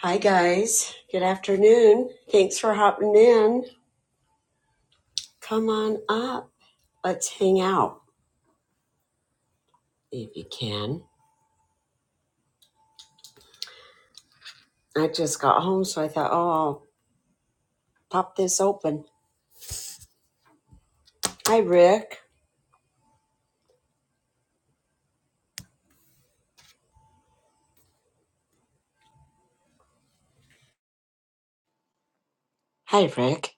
Hi, guys. Good afternoon. Thanks for hopping in. Come on up. Let's hang out if you can. I just got home, so I thought, oh, I'll pop this open. Hi, Rick. Hi, Rick.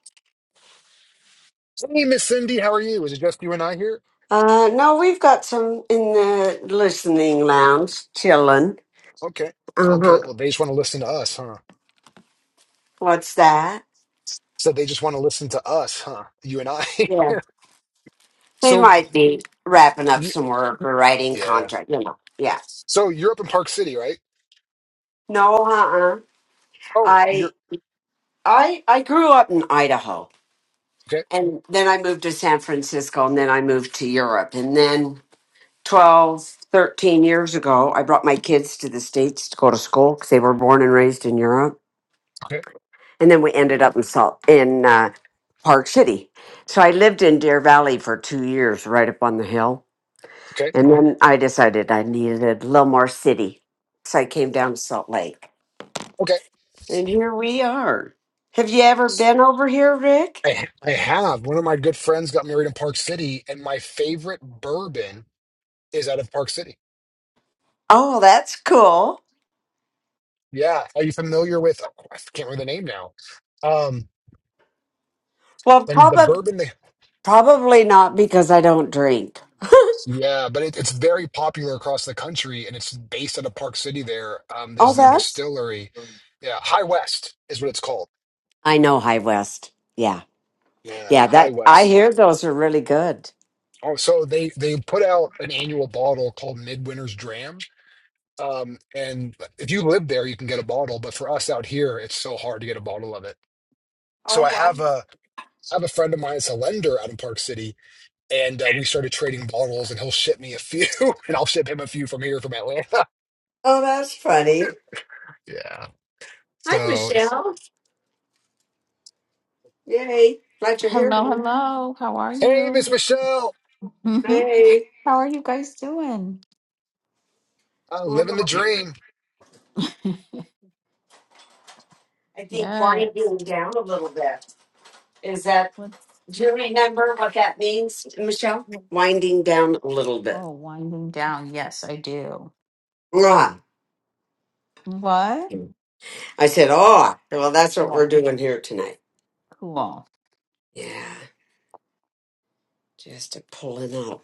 Hey, Miss Cindy, how are you? Is it just you and I here? Uh, no, we've got some in the listening lounge chilling. Okay. Okay. Uh-huh. Well, they just want to listen to us, huh? What's that? So they just want to listen to us, huh? You and I. Yeah. They So might be wrapping up you, some work or writing yeah. contract, you know. Yeah. So you're up in Park City, right? No, uh-uh. Oh, you're I I I grew up in Idaho okay. And then I moved to San Francisco and then I moved to Europe. And then 12, 13 years ago, I brought my kids to the States to go to school because they were born and raised in Europe. Okay. And then we ended up in Salt in uh, Park City. So I lived in Deer Valley for two years, right up on the hill. Okay. And then I decided I needed a little more city. So I came down to Salt Lake. Okay. And here we are. Have you ever been over here, Rick? I I have. One of my good friends got married in Park City, and my favorite bourbon is out of Park City. Oh, that's cool. Yeah. Are you familiar with? oh, I can't remember the name now. Um, Well, and the Papa bourbon they Probably not because I don't drink. Yeah, but it, it's very popular across the country, and it's based out of Park City. There um, Oh, is their that's. distillery. Yeah, High West is what it's called. I know High West. Yeah. Yeah, Yeah, High that I West. hear those are really good. Oh, so they they put out an annual bottle called Midwinter's Dram. Um, and if you live there, you can get a bottle. But for us out here, it's so hard to get a bottle of it. So Oh, I have wow. a I have a friend of mine that's a lender out in Park City, and uh, we started trading bottles, and he'll ship me a few, and I'll ship him a few from here from Atlanta. Oh, that's funny. Yeah. Hi, So it's Michelle. Yay. Glad you're here. Hello, honey. hello. How are Hey, Miss you? Michelle, hmm Hey. How are you guys doing? uh, living the Well, dream. I think wine Yes. being down a little bit. Is that, What's do you remember what that means, Michelle? Winding down a little bit. oh winding down? Yes, I do. Ah. What? I said, oh, well, that's what we're What? doing here tonight. Cool. Yeah. Just a pulling up.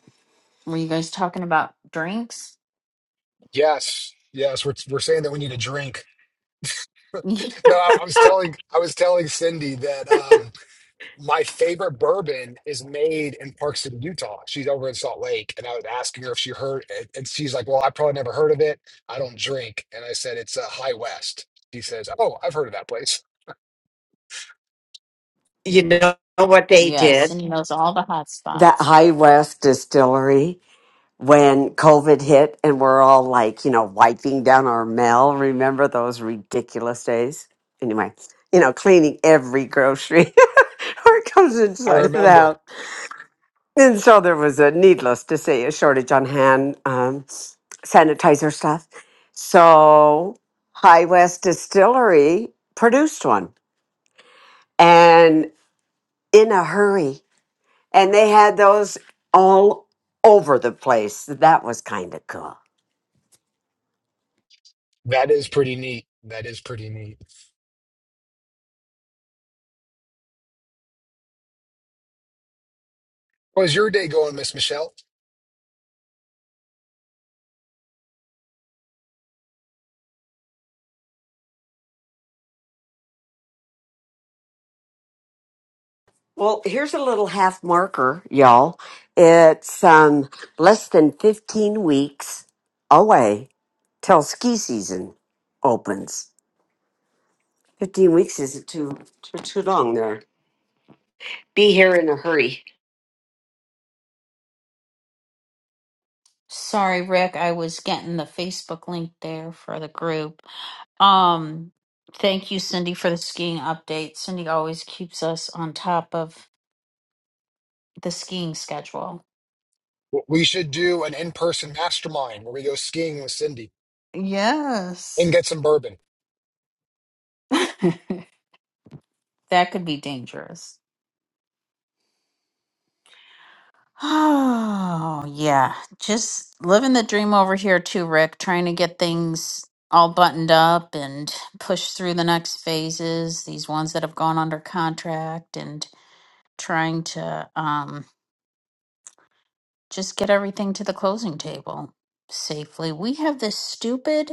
Were you guys talking about drinks? Yes, yes, we're we're saying that we need a drink. No, I, I was telling I was telling Cindy that um, my favorite bourbon is made in Park City, Utah. She's over in Salt Lake, and I was asking her if she heard, and, and she's like, "Well, I probably never heard of it. I don't drink." And I said, "It's uh, High West." She says, "Oh, I've heard of that place. You know what they Yes, did? and he knows all the hot That spots. High West distillery when COVID hit and we're all like, you know, wiping down our mail. Remember those ridiculous days? Anyway, you know, cleaning every grocery or it comes I inside of the remember. house. And so there was a needless to say a shortage on hand um, sanitizer stuff. So High West Distillery produced one and in a hurry. And they had those all over the place. That was kind of cool. That is pretty neat. That is pretty neat." How's your day going, Miss Michelle? Well, here's a little half marker, y'all. It's um, less than 15 weeks away till ski season opens. 15 weeks isn't too, too, too long there. Be here in a hurry. Sorry, Rick. I was getting the Facebook link there for the group. Um, thank you, Cindy, for the skiing update. Cindy always keeps us on top of the skiing schedule. We should do an in-person mastermind where we go skiing with Cindy and Yes. get some bourbon. that could be dangerous. Oh, yeah. Just living the dream over here too, Rick, trying to get things all buttoned up and push through the next phases, these ones that have gone under contract and trying to um just get everything to the closing table safely. We have this stupid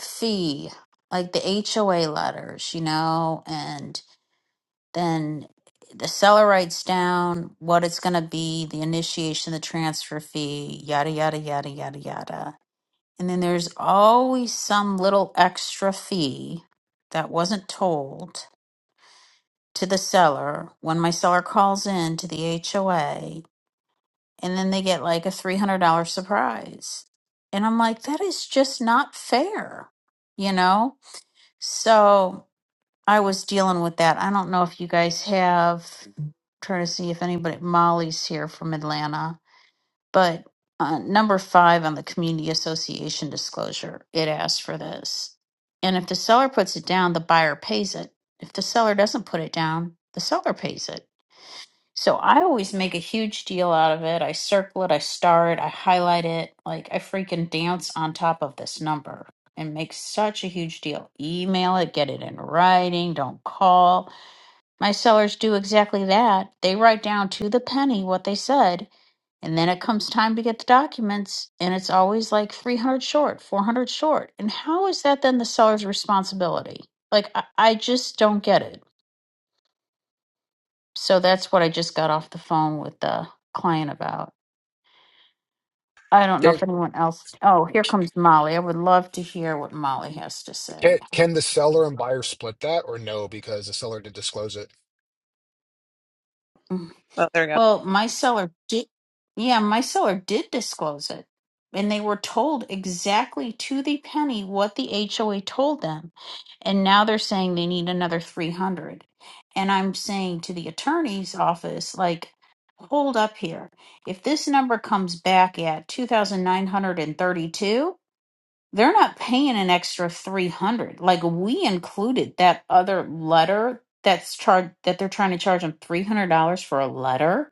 fee, like the HOA letters, you know, and then the seller writes down what it's going to be, the initiation, the transfer fee, yada, yada, yada, yada, yada. And then there's always some little extra fee that wasn't told to the seller when my seller calls in to the HOA. And then they get like a $300 surprise. And I'm like, that is just not fair, you know? So I was dealing with that. I don't know if you guys have, trying to see if anybody, Molly's here from Atlanta, but uh, number five on the community association disclosure, it asks for this. And if the seller puts it down, the buyer pays it. If the seller doesn't put it down, the seller pays it. So I always make a huge deal out of it. I circle it, I star it, I highlight it. Like I freaking dance on top of this number and make such a huge deal. Email it, get it in writing, don't call. My sellers do exactly that. They write down to the penny what they said, and then it comes time to get the documents, and it's always like 300 short, 400 short. And how is that then the seller's responsibility? Like I, I just don't get it. So that's what I just got off the phone with the client about. I don't know Can, if anyone else. Oh, here comes Molly. I would love to hear what Molly has to say. can, can the seller and buyer split that or no, because the seller did disclose it? Mm. Oh, there we go. Well, my seller did. Yeah, my seller did disclose it. And they were told exactly to the penny what the HOA told them. And now they're saying they need another 300. And I'm saying to the attorney's office, like, hold up here. If this number comes back at 2,932, they're not paying an extra 300 like we included that other letter that's charged that they're trying to charge them $300 for a letter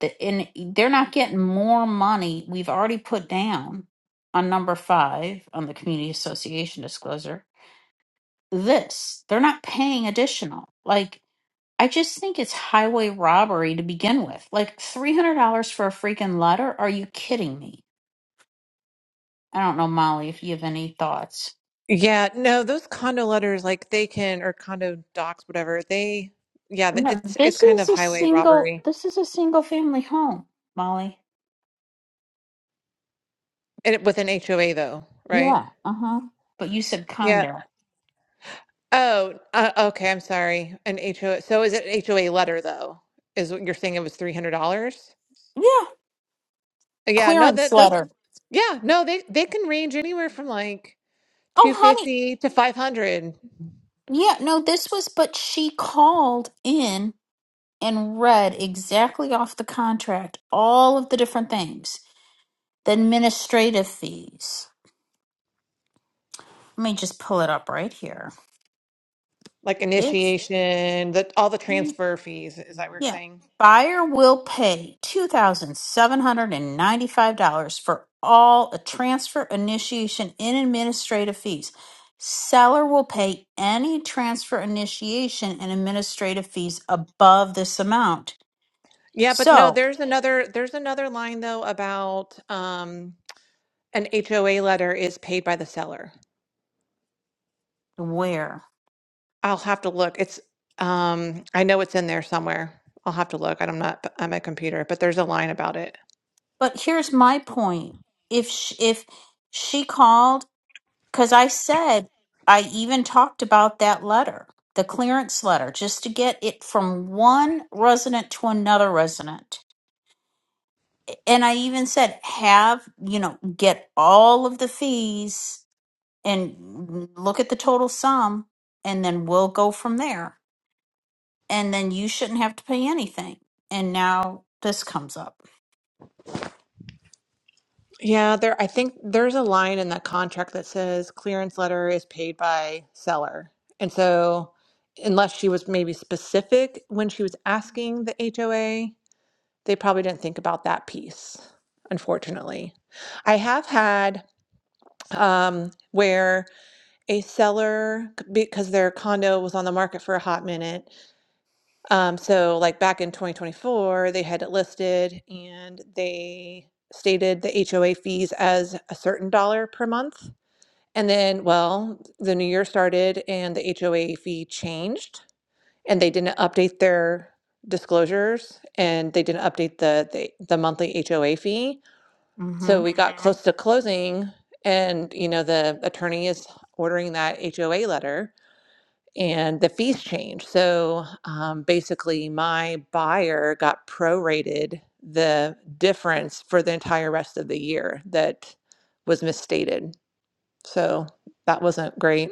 The- and they're not getting more money we've already put down on number five on the community association disclosure this they're not paying additional like i just think it's highway robbery to begin with like $300 for a freaking letter are you kidding me i don't know molly if you have any thoughts Yeah, no, those condo letters, like they can, or condo docs, whatever, they, yeah, th- No, it's it's this kind is of a highway single. robbery This is a single family home, Molly. and it, with an HOA though, right? Yeah. Uh huh. But you said Yeah. condo. Oh, uh, okay. I'm sorry. An HOA. So is it HOA letter though? Is what you're saying it was $300? Yeah. Yeah, no, Clearance that those, letter. yeah, no, they they can range anywhere from like Oh, honey. 250 to 500, Yeah. No, this was. But she called in and read exactly off the contract all of the different things, the administrative fees. Let me just pull it up right here. like It's. initiation, that all the transfer fees, is that what you're Yeah. saying? Buyer will pay $2,795 for all a transfer initiation and administrative fees. Seller will pay any transfer initiation and administrative fees above this amount. Yeah, but no, So, there's another there's another line though about um an HOA letter is paid by the seller. where? I'll have to look. It's um I know it's in there somewhere. I'll have to look. I'm not on my computer, but there's a line about it. But here's my point. If sh if she called because I said I even talked about that letter, the clearance letter, just to get it from one resident to another resident. And I even said, have, you know, get all of the fees and look at the total sum, and then we'll go from there. And then you shouldn't have to pay anything. And now this comes up. Yeah, there I think there's a line in that contract that says clearance letter is paid by seller. And so unless she was maybe specific when she was asking the HOA, they probably didn't think about that piece, unfortunately. I have had um, where a seller, because their condo was on the market for a hot minute, um, so like back in 2024, they had it listed and they stated the HOA fees as a certain dollar per month. And then, well, the new year started and the HOA fee changed, and they didn't update their disclosures and they didn't update the the, the monthly HOA fee. Mm hmm. So we got close to closing and, you know, the attorney is ordering that HOA letter and the fees changed. So um, basically my buyer got prorated the difference for the entire rest of the year that was misstated. So that wasn't great.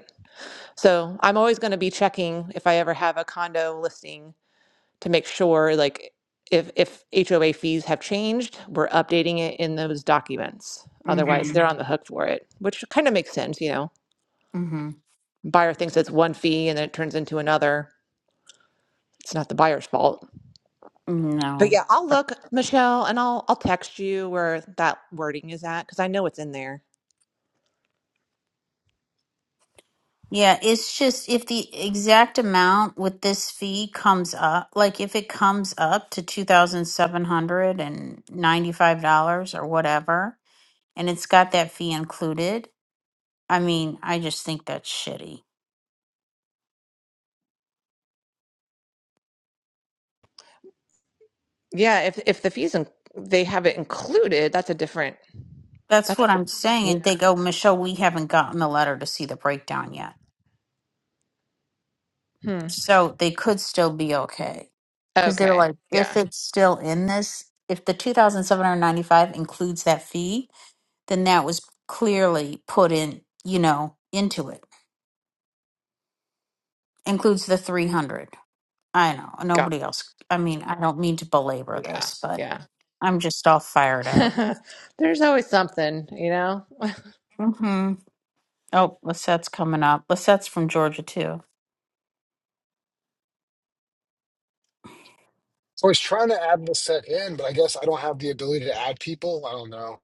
So I'm always going to be checking if I ever have a condo listing to make sure like if, if HOA fees have changed, we're updating it in those documents. Mm Otherwise, hmm. they're on the hook for it, which kind of makes sense, you know. Mm Buyer thinks it's one fee and then it turns into another. It's not the buyer's fault. hmm. No. But yeah, I'll look, Michelle, and I'll I'll text you where that wording is at because I know it's in there. Yeah, it's just if the exact amount with this fee comes up, like if it comes up to $2,795 or whatever, and it's got that fee included, I mean, I just think that's shitty. Yeah, if if the fees and they have it included, that's a different. That's That's a what I'm different. saying. And they go, Michelle, we haven't gotten the letter to see the breakdown yet. Yeah. Hmm. So they could still be okay. Because they're Okay. like, if Yeah. it's still in this, if the 2795 includes that fee, then that was clearly put in, you know, into it. Includes the 300. I know, Got nobody else. I mean, I don't mean to belabor it. this, but Yeah. I'm just all fired up. Yeah. There's always something, you know. Mm-hmm. Oh, Lisette's coming up. Lisette's from Georgia, too. So I was trying to add the set in, but I guess I don't have the ability to add people. I don't know.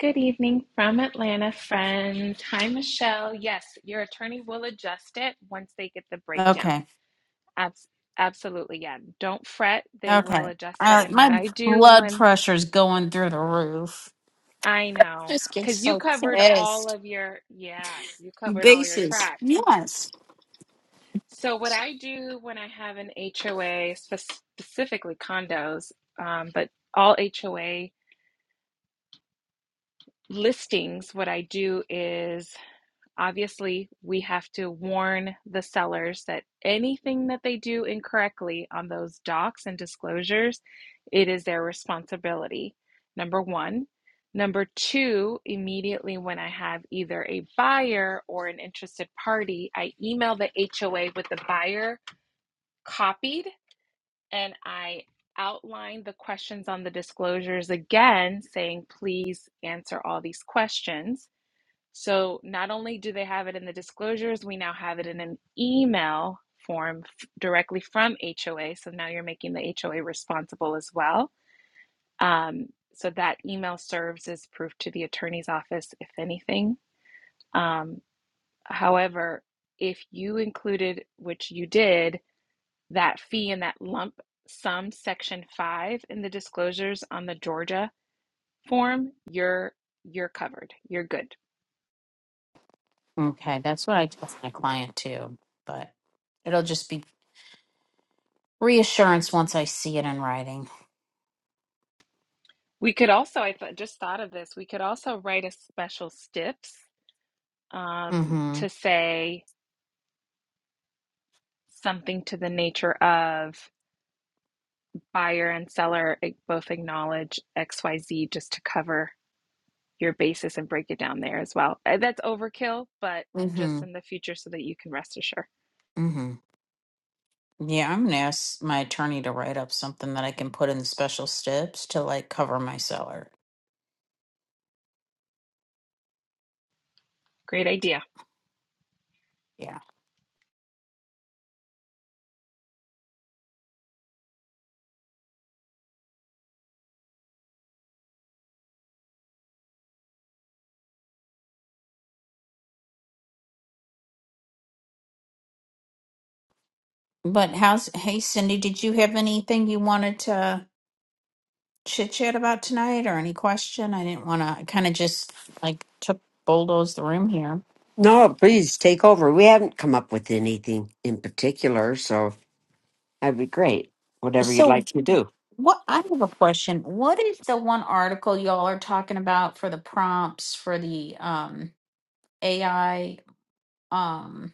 Good evening from Atlanta, friend. Hi, Michelle. Yes, your attorney will adjust it once they get the breakdown. Okay. Abs- absolutely, yeah. Don't fret, they will Okay. adjust it. Uh, And what my I do blood when pressure's going through the roof. I know, Just get because you so covered all pissed. of your, yeah, you covered all your Bases. tracks. Yes. So, what I do when I have an HOA, spe- specifically condos, um, but all HOA listings, what I do is Obviously, we have to warn the sellers that anything that they do incorrectly on those docs and disclosures, it is their responsibility. Number one. Number two, immediately when I have either a buyer or an interested party, I email the HOA with the buyer copied and I outline the questions on the disclosures again, saying, please answer all these questions. So not only do they have it in the disclosures, we now have it in an email form f- directly from HOA. So now you're making the HOA responsible as well. Um, so that email serves as proof to the attorney's office, if anything. Um, however, if you included, which you did, that fee in that lump sum section five in the disclosures on the Georgia form, you're you're covered. You're good Okay, that's what I told my client, too. But it'll just be reassurance once I see it in writing. We could also, I th just thought of this, we could also write a special STIPS um, Mm-hmm. to say something to the nature of buyer and seller a- both acknowledge XYZ just to cover your basis and break it down there as well. Uh, That's overkill, but Mm-hmm. just in the future so that you can rest assured. Mm-hmm. Yeah, I'm gonna ask my attorney to write up something that I can put in special steps to like cover my seller. Great idea. Yeah. But how's hey Cindy, did you have anything you wanted to chit chat about tonight or any question? I didn't wanna I kinda just like took bulldoze the room here. No, please take over. We haven't come up with anything in particular, so that'd be great. Whatever you'd like So to do. what I have a question. What is the one article y'all are talking about for the prompts for the um AI? um?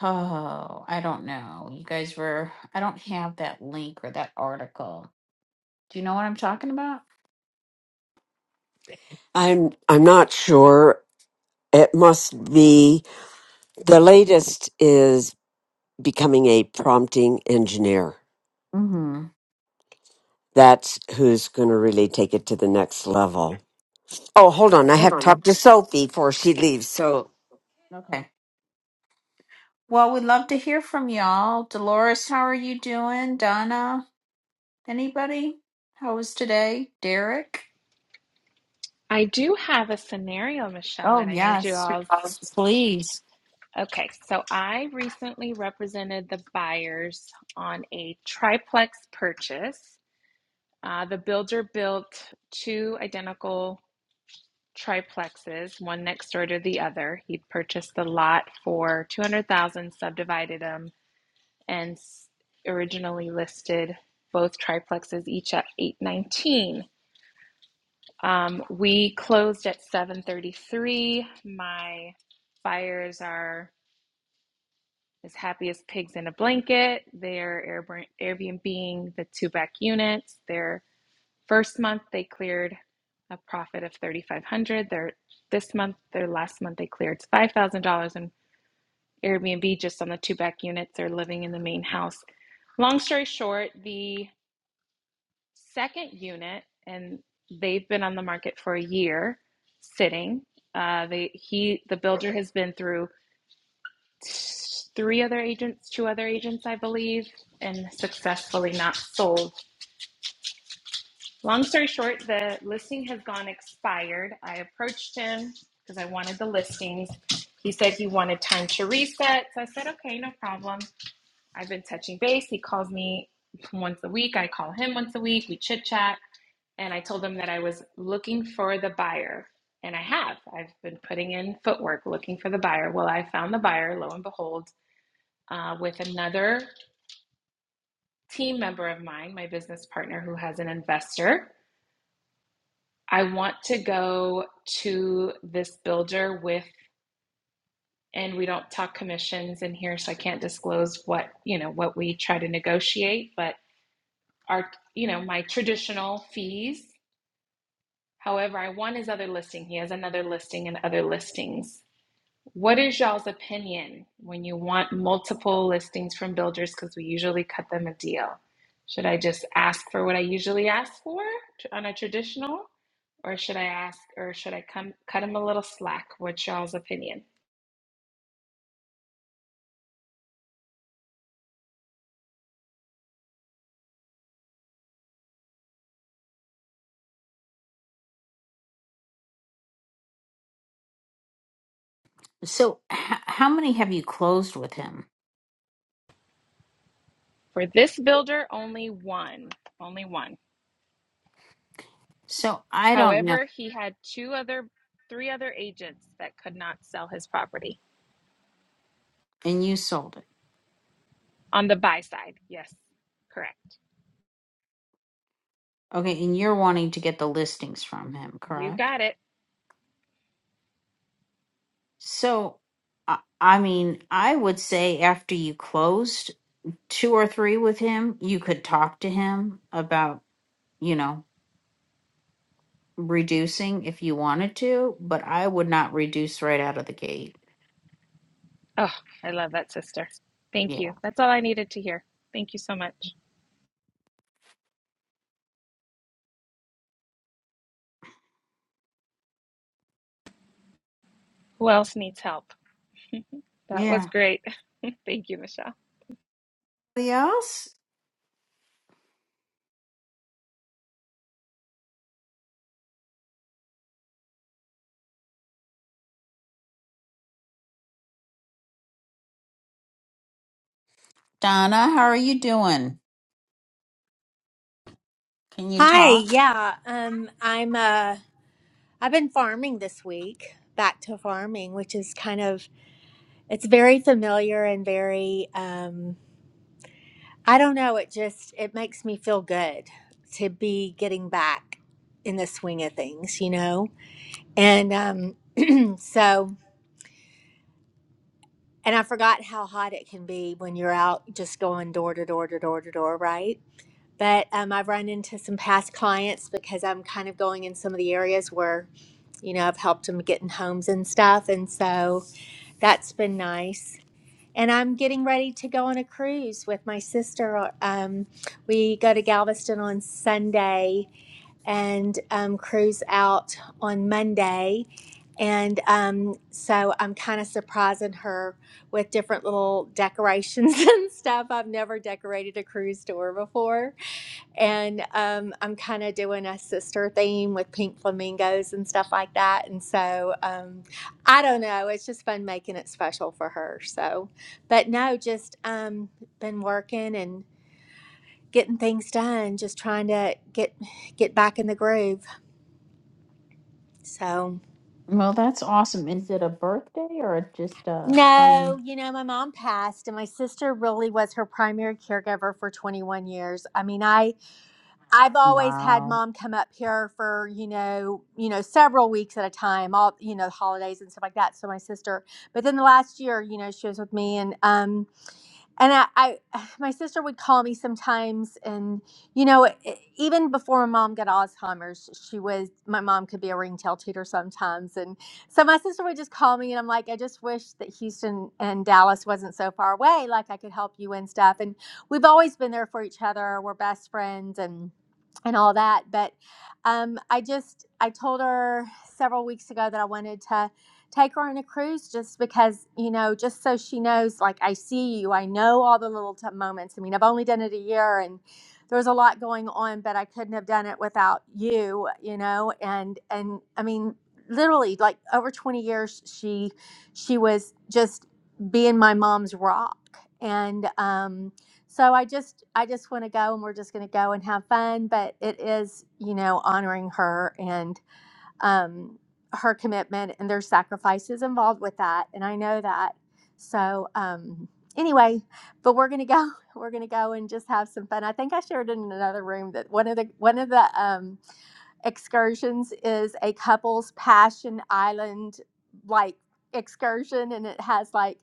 Oh, I don't know. You guys were, I don't have that link or that article. Do you know what I'm talking about? I'm I'm not sure. It must be The latest is becoming a prompting engineer. Mm-hmm. That's who's going to really take it to the next level. Oh, hold on. Oh, I hold have to on. a- talk to Sophie before she leaves. So Okay. Well, we'd love to hear from y'all. Dolores, how are you doing? Donna, anybody? How was today? Derek? I do have a scenario, Michelle, that Oh, I need you yes. all. Yes, Please. Okay, so I recently represented the buyers on a triplex purchase Uh, the builder built two identical triplexes, one next door to the other. He purchased the lot for 200,000, subdivided them, and originally listed both triplexes each at 819. Um, we closed at 733. My buyers are as happy as pigs in a blanket. They're Airb- Airbnb-ing the two back units. They're First month they cleared a profit of 3500 Their this month, their last month they cleared $5,000 in Airbnb just on the two back units they're living in the main house. Long story short, the second unit and they've been on the market for a year sitting. Uh, they he the builder has been through three other agents, two other agents I believe, and successfully not sold Long story short, the listing has gone expired. I approached him because I wanted the listings. He said he wanted time to reset. So I said, okay, no problem. I've been touching base. He calls me once a week. I call him once a week. We chit chat. And I told him that I was looking for the buyer. And I have. I've been putting in footwork looking for the buyer. Well, I found the buyer, lo and behold, uh, with another team member of mine, my business partner who has an investor I want to go to this builder with, and we don't talk commissions in here, so I can't disclose what, you know, what we try to negotiate, but our, you know, my traditional fees. However, I want his other listing. He has another listing and other listings. What is y'all's opinion when you want multiple listings from builders? Because we usually cut them a deal. Should I just ask for what I usually ask for on a traditional, or should I ask, or should I come cut them a little slack? What's y'all's opinion? So, h- how many have you closed with him? For this builder, only one, only one. So, I don't know. However, he had two other, three other agents that could not sell his property And you sold it. on the buy side. Yes, correct. Okay. And you're wanting to get the listings from him, You correct? got it. So, I, I mean, I would say after you closed two or three with him, you could talk to him about, you know, reducing if you wanted to, but I would not reduce right out of the gate. Oh, I love that, sister. Thank Yeah. you. That's all I needed to hear. Thank you so much. Who else needs help? That was Yeah. great. Thank you, Michelle. Anybody else? Donna, how are you doing? Can you Hi, talk? yeah. Um I'm uh I've been farming this week, back to farming, which is kind of it's very familiar and very um I don't know, it just it makes me feel good to be getting back in the swing of things, you know? And um so and I forgot how hot it can be when you're out just going door to door to door to door, right? but um, I've run into some past clients because I'm kind of going in some of the areas where, you know, I've helped them get in homes and stuff. And so that's been nice. And I'm getting ready to go on a cruise with my sister. uh, Um, we go to Galveston on Sunday and um, cruise out on Monday. And um, so I'm kind of surprising her with different little decorations and stuff. I've never decorated a cruise door before and um, I'm kind of doing a sister theme with pink flamingos and stuff like that. And so um, I don't know, it's just fun making it special for her. So, but no, just um, been working and getting things done, just trying to get get back in the groove. So. Well, that's awesome. Is it a birthday or just a No, um you know, my mom passed and my sister really was her primary caregiver for 21 years. I mean, I I've always had wow. mom come up here for you know you know several weeks at a time, all you know holidays and stuff like that. So my sister, but then the last year, you know, she was with me, and um, and I, I my sister would call me sometimes and you know e- e, even before my mom got alzheimer's she was my mom could be a ringtail tutor sometimes and so my sister would just call me and i'm like i just wish that houston and dallas wasn't so far away like i could help you and stuff and we've always been there for each other we're best friends and and all that but um, i just i told her several weeks ago that i wanted to take her on a cruise just because, you know, just so she knows, like, I see you. I know all the little t- moments. I mean, I've only done it a year and there was a lot going on, but I couldn't have done it without you, you know? And, and I mean, literally like over 20 years, she, she was just being my mom's rock. And, um, so I just, I just want to go and we're just going to go and have fun, but it is, you know, honoring her and, um, her commitment and there's sacrifices involved with that and i know that so um, anyway but we're gonna go we're gonna go and just have some fun i think i shared in another room that one of the one of the um, excursions is a couple's passion island like excursion and it has like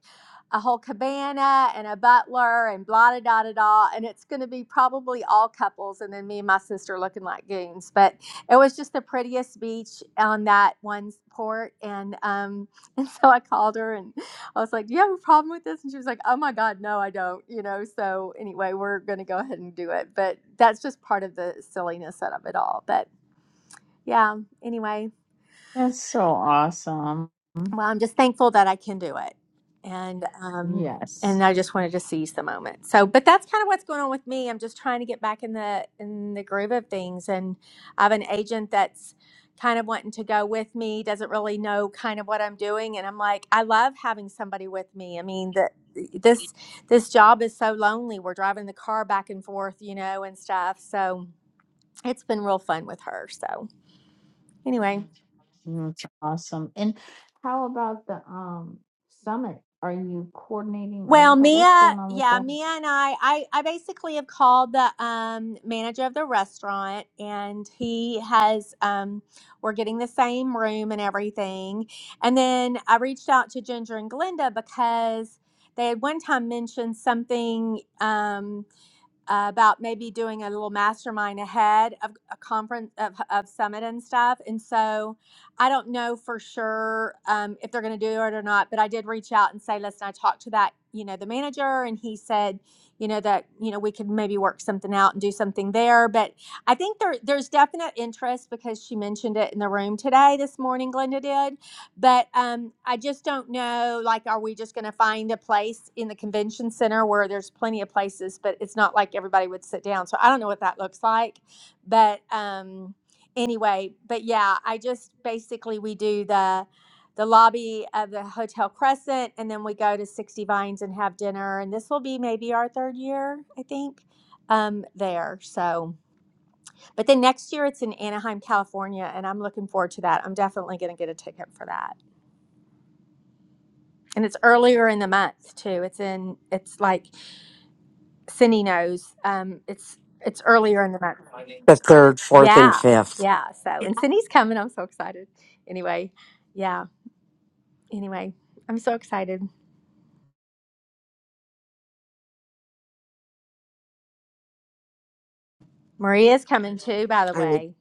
a whole cabana and a butler and blah da da da da and it's going to be probably all couples and then me and my sister looking like goons but it was just the prettiest beach on that one port and um and so i called her and i was like do you have a problem with this and she was like oh my god no i don't you know so anyway we're going to go ahead and do it but that's just part of the silliness of it all but yeah anyway That's so awesome. well i'm just thankful that i can do it and um and Yes. i just wanted to seize the moment so but that's kind of what's going on with me i'm just trying to get back in the in the groove of things and i have an agent that's kind of wanting to go with me doesn't really know kind of what i'm doing and i'm like i love having somebody with me i mean the this this job is so lonely we're driving the car back and forth you know and stuff so it's been real fun with her so anyway That's awesome. And how about the um summit? Are you coordinating or Well, wha- what's Mia, going on with yeah, Mia that? and I, I, I basically have called the um, manager of the restaurant, and he has, um, we're getting the same room and everything. And then I reached out to Ginger and Glenda because they had one time mentioned something. Um, uh, about maybe doing a little mastermind ahead of a conference of, of summit and stuff and so i don't know for sure um, if they're going to do it or not but i did reach out and say listen i talked to that you know the manager and he said you know that you know we could maybe work something out and do something there but i think there there's definite interest because she mentioned it in the room today this morning glenda did but um, I just don't know. Like, are we just going to find a place in the convention center where there's plenty of places, but it's not like everybody would sit down? So I don't know what that looks like. But um, anyway, but yeah, I just basically we do the the lobby of the Hotel Crescent, and then we go to Sixty Vines and have dinner. And this will be maybe our third year, I think, um, there. So, but then next year it's in Anaheim, California, and I'm looking forward to that. I'm definitely going to get a ticket for that and it's earlier in the month too. It's in it's like Cindy knows. Um, it's it's earlier in the month. the third, fourth, and Yeah, fifth. yeah. So and Cindy's coming. I'm so excited. Anyway, yeah. Anyway, I'm so excited. Maria's coming too. By the I mean, way,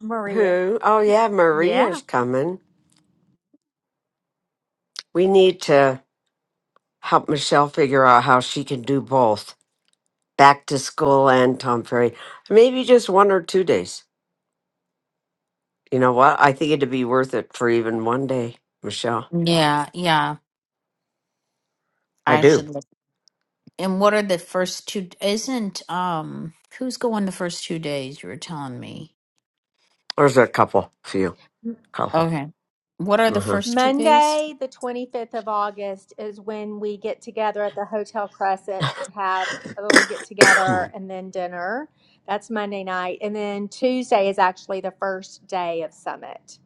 Maria. who? Oh, yeah, Yeah. Maria's coming. We need to help Michelle figure out how she can do both back to school and Tom Ferry. Maybe just one or two days. You know what? I think it'd be worth it for even one day, Michelle. Yeah, yeah. I I do. should look. And what are the first two? Isn't um who's going the first two days? You were telling me. There's a couple, few. Oh. Okay. What are the hmm first two days? Monday, the 25th of August, is when we get together at the Hotel Crescent have a little get together and then dinner. That's Monday night. And then Tuesday is actually the first day of Summit.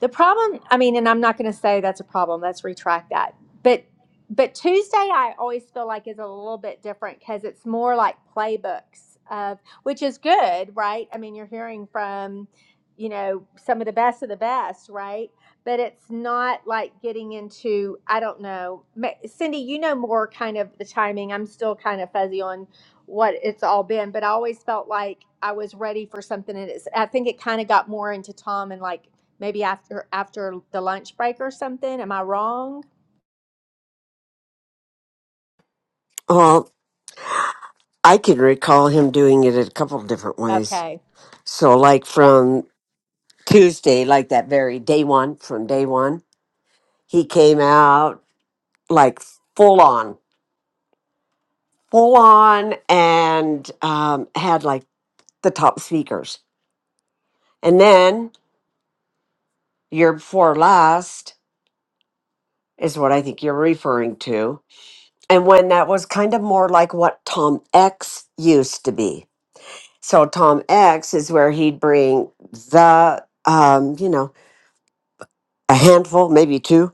The problem, I mean, and I'm not going to say that's a problem. Let's retract that. But but Tuesday, I always feel like is a little bit different because it's more like playbooks of which is good, right? I mean, you're hearing from you know some of the best of the best, right? But it's not like getting into I don't know, Ma- Cindy. You know more kind of the timing. I'm still kind of fuzzy on what it's all been, but I always felt like I was ready for something. And it's I think it kind of got more into Tom and like maybe after after the lunch break or something. Am I wrong? Well, I can recall him doing it a couple of different ways. Okay. So, like from Tuesday, like that very day one, from day one, he came out like full on, full on, and um, had like the top speakers. And then year before last is what I think you're referring to. And when that was kind of more like what Tom X used to be So Tom X is where he'd bring the, um, you know, a handful, maybe two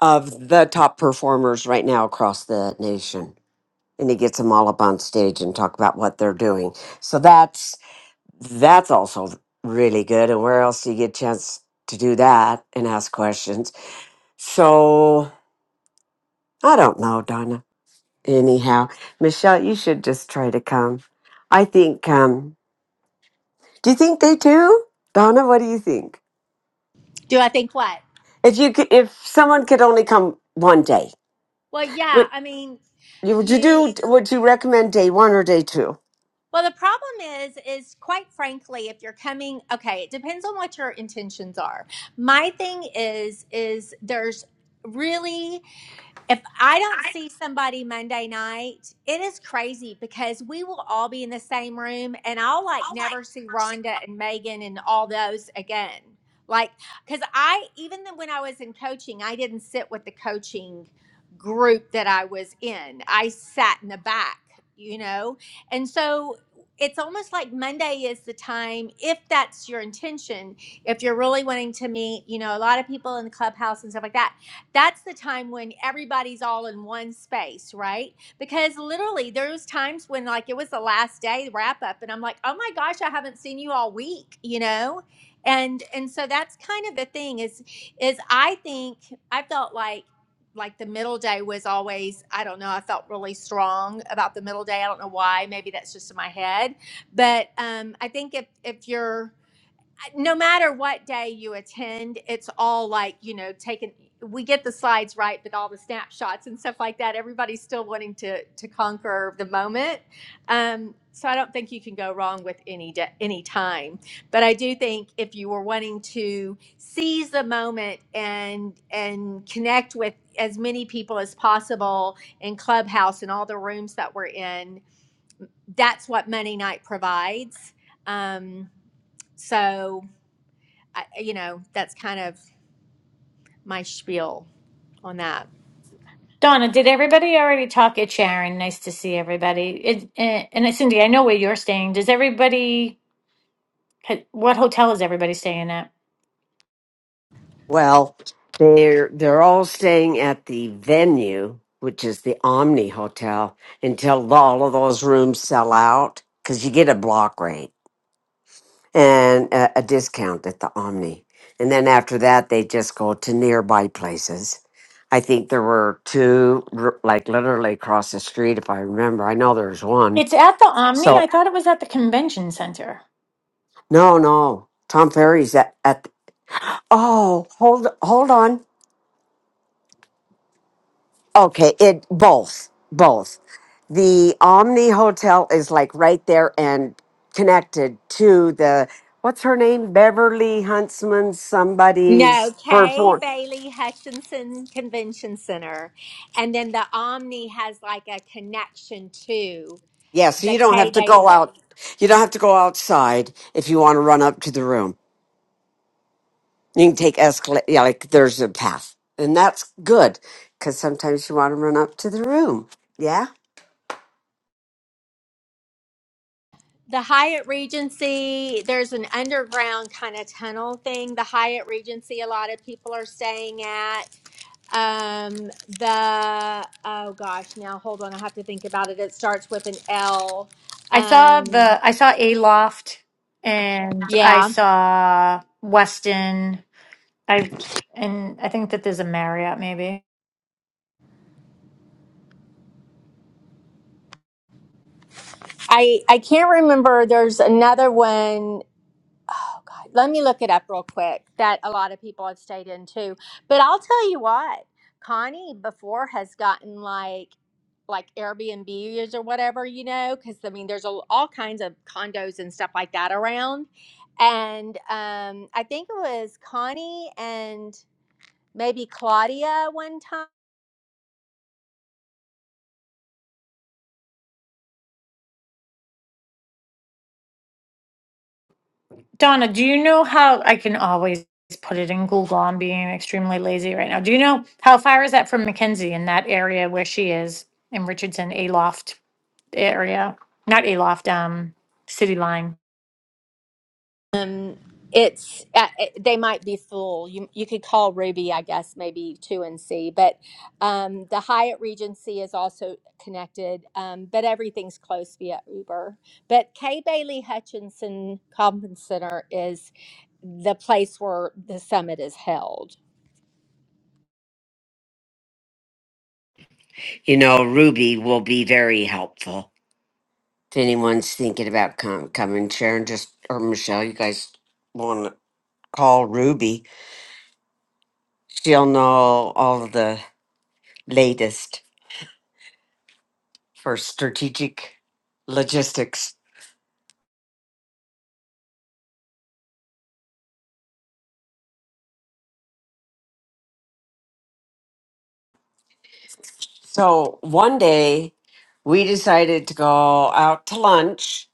of the top performers right now across the nation. And he gets them all up on stage and talk about what they're doing. So that's that's also really good. And where else do you get a chance to do that and ask questions? So I don't know, Donna. Anyhow, Michelle, you should just try to come. I think. Um, do you think they do, Donna? What do you think? Do I think what? If you could, if someone could only come one day, Well, yeah, would I mean, you would you you do? Would you recommend day one or day two? well the problem is is quite frankly if you're coming okay it depends on what your intentions are my thing is is there's really If I don't see somebody Monday night, it is crazy because we will all be in the same room and I'll like never see Rhonda and Megan and all those again. Like, because I, even then when I was in coaching, I didn't sit with the coaching group that I was in, I sat in the back, you know? And so it's almost like Monday is the time, if that's your intention, if you're really wanting to meet, you know, a lot of people in the clubhouse and stuff like that that's the time when everybody's all in one space, right? Because literally there was times when like it was the last day wrap up and I'm like, "Oh my gosh, I haven't seen you all week," you know? And and so that's kind of the thing is is I think I felt like like the middle day was always I don't know, I felt really strong about the middle day. I don't know why, maybe that's just in my head. But um I think if if you're no matter what day you attend, it's all like, you know, taken we get the slides right, but all the snapshots and stuff like that, everybody's still wanting to to conquer the moment. Um, so I don't think you can go wrong with any de- any time. But I do think if you were wanting to seize the moment and and connect with as many people as possible in Clubhouse and all the rooms that we're in, that's what Monday night provides. Um, so I, you know, that's kind of my spiel on that. Donna, did everybody already talk? It's Sharon. Nice to see everybody. It, eh, and it's Cindy, I know where you're staying. Does everybody, what hotel is everybody staying at? Well, they're they're all staying at the venue, which is the Omni Hotel, until all of those rooms sell out because you get a block rate and a, a discount at the Omni, and then after that they just go to nearby places. I think there were two, r- like literally across the street, if I remember. I know there's one. It's at the Omni. So. I thought it was at the convention center. No, no. Tom Ferry's at, at oh, hold hold on. Okay, it both. Both. The Omni Hotel is like right there and connected to the what's her name? Beverly Huntsman No, somebody's Kay perform. Bailey Hutchinson Convention Center. And then the Omni has like a connection to Yeah, so the you don't Kay have to go Bailey. out you don't have to go outside if you want to run up to the room. You can take escalate yeah, like there's a path. And that's good because sometimes you want to run up to the room. Yeah? The Hyatt Regency, there's an underground kind of tunnel thing. The Hyatt Regency, a lot of people are staying at. Um, the, oh gosh, now hold on, I have to think about it. It starts with an L. I saw Um, the, I saw A Loft and I yeah. saw Weston. I, and I think that there's a Marriott maybe. I I can't remember. There's another one. Oh God, let me look it up real quick. That a lot of people have stayed in too. But I'll tell you what, Connie before has gotten like like Airbnbs or whatever, you know, because I mean, there's a, all kinds of condos and stuff like that around. And um, I think it was Connie and maybe Claudia one time. Donna, do you know how I can always put it in Google? I'm being extremely lazy right now. Do you know how far is that from Mackenzie in that area where she is in Richardson, Aloft area? Not Aloft, um, City Line. Um, it's uh, it, they might be full. You you could call Ruby, I guess, maybe two and see. But um, the Hyatt Regency is also connected, um, but everything's close via Uber. But Kay Bailey Hutchinson Conference Center is the place where the summit is held. you know, Ruby will be very helpful. If anyone's thinking about com- coming, Sharon, just or Michelle, you guys want to call Ruby. She'll know all the latest for strategic logistics. So one day we decided to go out to lunch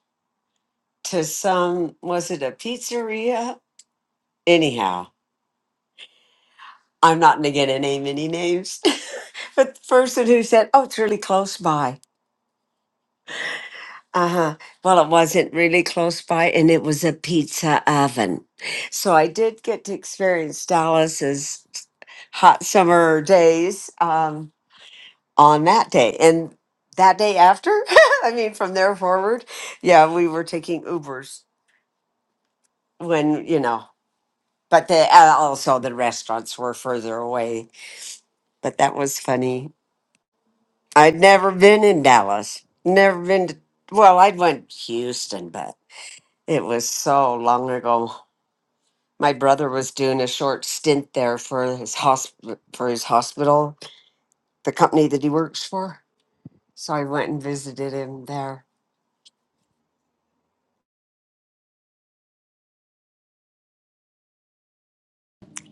to some, was it a pizzeria? Anyhow, I'm not going to get to name any names, but the person who said, oh, it's really close by Uh huh. Well, it wasn't really close by, and it was a pizza oven. So I did get to experience Dallas's hot summer days um, on that day. And that day after, I mean, from there forward, yeah, we were taking Ubers when, you know, but the, uh, also the restaurants were further away. But that was funny. I'd never been in Dallas, never been to, well, I'd went to Houston, but it was so long ago. my brother was doing a short stint there for his hosp- for his hospital, the company that he works for. So I went and visited him there.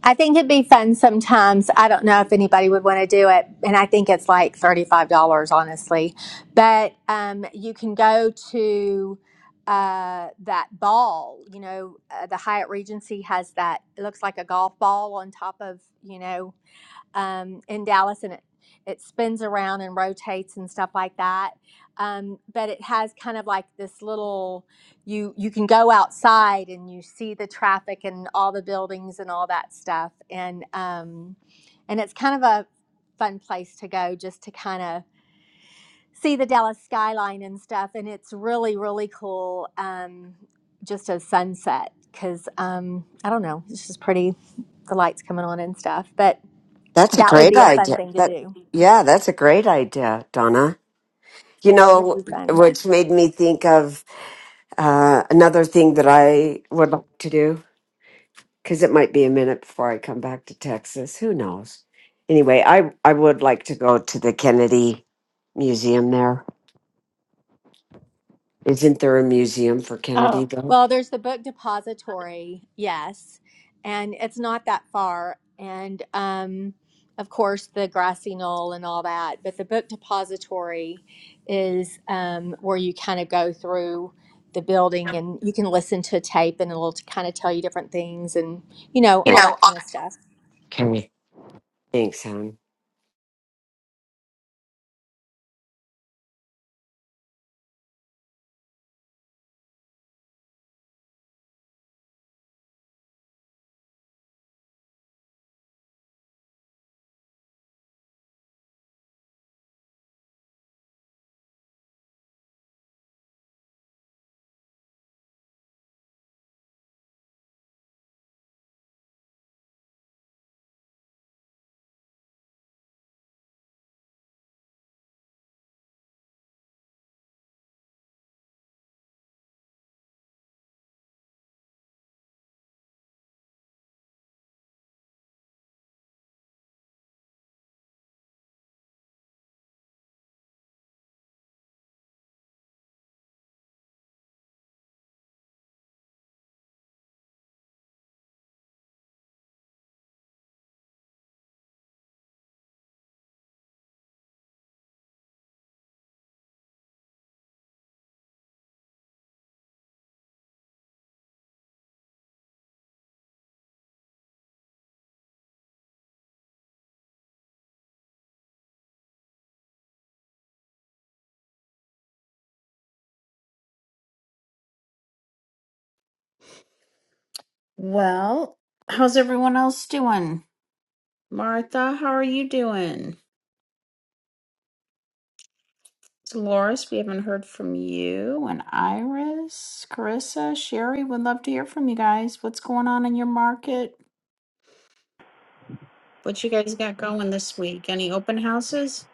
I think it'd be fun sometimes. I don't know if anybody would want to do it, and I think it's like thirty-five dollars, honestly. But um, you can go to uh, that ball. You know, uh, the Hyatt Regency has that. It looks like a golf ball on top of you know um, in Dallas, and it it spins around and rotates and stuff like that. Um, but it has kind of like this little you you can go outside and you see the traffic and all the buildings and all that stuff, and um, and it's kind of a fun place to go just to kind of see the Dallas skyline and stuff. And it's really really cool. Um, just a sunset because um, I don't know, it's just pretty. The lights coming on and stuff, but That's a that would great be a fun idea. thing to That do. yeah, that's a great idea, Donna. You It would know, be fun. which made me think of uh, another thing that I would like to do because it might be a minute before I come back to Texas. Who knows? Anyway, I I would like to go to the Kennedy Museum. There isn't there a museum for Kennedy Oh. though? Well, there's the book depository, yes, and it's not that far. And um, of course, the grassy knoll and all that. But the book depository is um, where you kind of go through the building and you can listen to a tape and it'll kind of tell you different things and, you know, You all know. that kind of stuff. Okay. Thanks, Helen. Well, how's everyone else doing? Martha, how are you doing? Dolores, we haven't heard from you. And Iris, Carissa, Sherry, would love to hear from you guys. What's going on in your market? What you guys got going this week? Any open houses?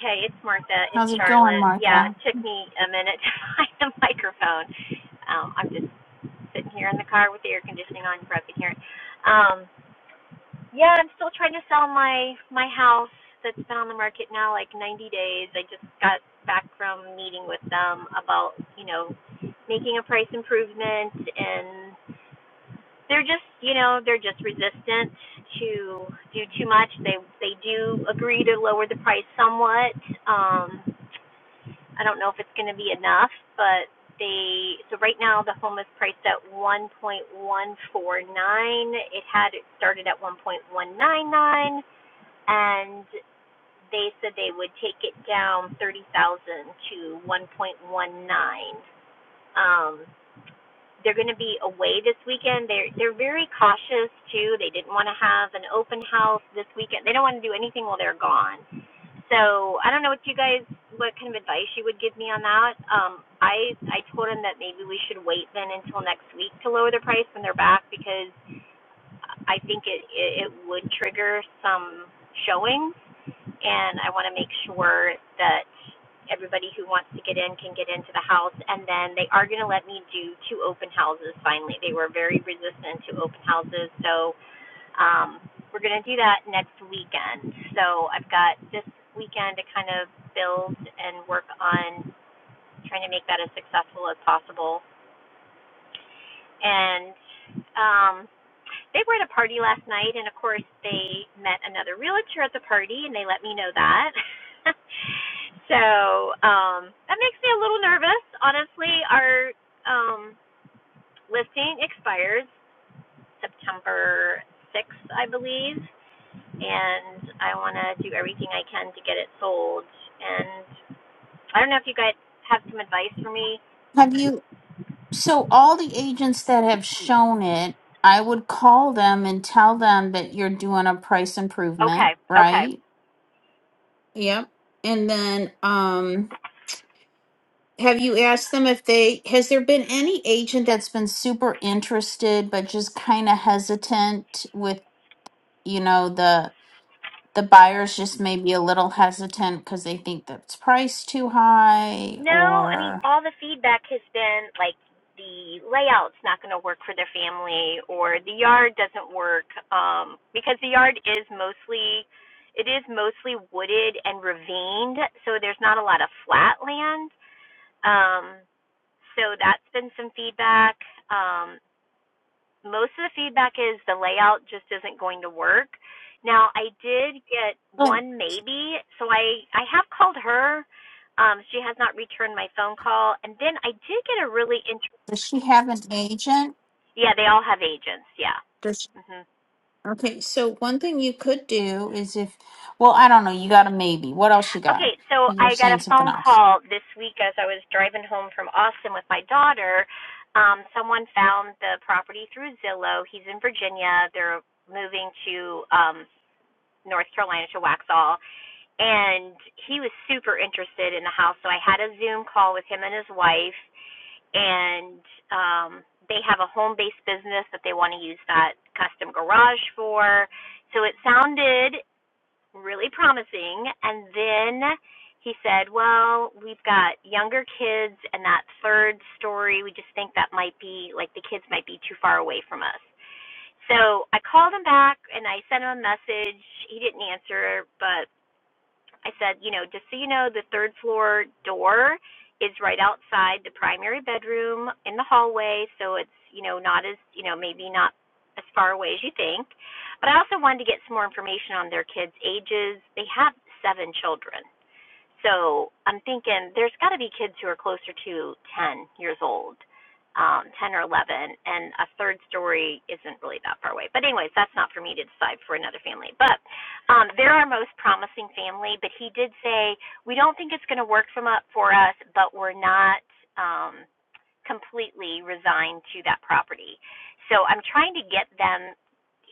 Hey, it's Martha in How's it going, Charlotte. Yeah, Martha? it took me a minute to find the microphone. Um, I'm just sitting here in the car with the air conditioning on, you probably can hear it. Um, yeah, I'm still trying to sell my my house that's been on the market now like 90 days. I just got back from meeting with them about you know making a price improvement, and they're just you know they're just resistant to do too much. They they do agree to lower the price somewhat. Um, I don't know if it's going to be enough, but they so right now the home is priced at 1.149. It had it started at 1.199, and they said they would take it down 30,000 to 1.19. Um, they're going to be away this weekend. They're they're very cautious too. They didn't want to have an open house this weekend. They don't want to do anything while they're gone. So I don't know what you guys, what kind of advice you would give me on that. Um, I I told him that maybe we should wait then until next week to lower the price when they're back because I think it it, it would trigger some showings, and I want to make sure that everybody who wants to get in can get into the house. And then they are going to let me do two open houses finally. They were very resistant to open houses, so um, we're going to do that next weekend. So I've got this weekend to kind of build and work on trying to make that as successful as possible. And um, they were at a party last night, and of course, they met another realtor at the party, and they let me know that. so um, that makes me a little nervous. Honestly, our um, listing expires September 6th, I believe. and I want to do everything I can to get it sold. And I don't know if you guys have some advice for me. Have you, so all the agents that have shown it, I would call them and tell them that you're doing a price improvement, Okay, okay. right? Yep. And then, um, Have you asked them if they, has there been any agent that's been super interested but just kind of hesitant with, you know, the the buyers just maybe a little hesitant because they think that's price too high No, I mean, or all the feedback has been like the layout's not going to work for their family or the yard doesn't work um, because the yard is mostly. It is mostly wooded and ravined, so there's not a lot of flat land. Um, so that's been some feedback. Um, most of the feedback is the layout just isn't going to work. Now I did get oh, one maybe, so I I have called her. Um, she has not returned my phone call, and then I did get a really interesting. does she have an agent? Yeah, they all have agents. Yeah. Does she- hmm okay, so one thing you could do is if, well, I don't know, you got a maybe. What else you got? Okay, so You were I got saying a something phone else. call this week as I was driving home from Austin with my daughter. Um, someone found the property through Zillow. He's in Virginia. They're moving to um, North Carolina to Waxhaw and he was super interested in the house so i had a zoom call with him and his wife and um they have a home based business that they want to use that custom garage for so it sounded really promising and then he said well we've got younger kids and that third story we just think that might be like the kids might be too far away from us so i called him back and i sent him a message he didn't answer but I said, you know, just so you know, the third floor door is right outside the primary bedroom in the hallway, so it's, you know, not as, you know, maybe not as far away as you think. But I also wanted to get some more information on their kids' ages. They have seven children. So I'm thinking there's got to be kids who are closer to 10 years old, um, 10 or 11, and a third story isn't really that far away. But anyways, that's not for me to decide for another family. But um, they're our most promising family. But he did say we don't think it's going to work from up for us, but we're not. Um, completely resigned to that property. So I'm trying to get them.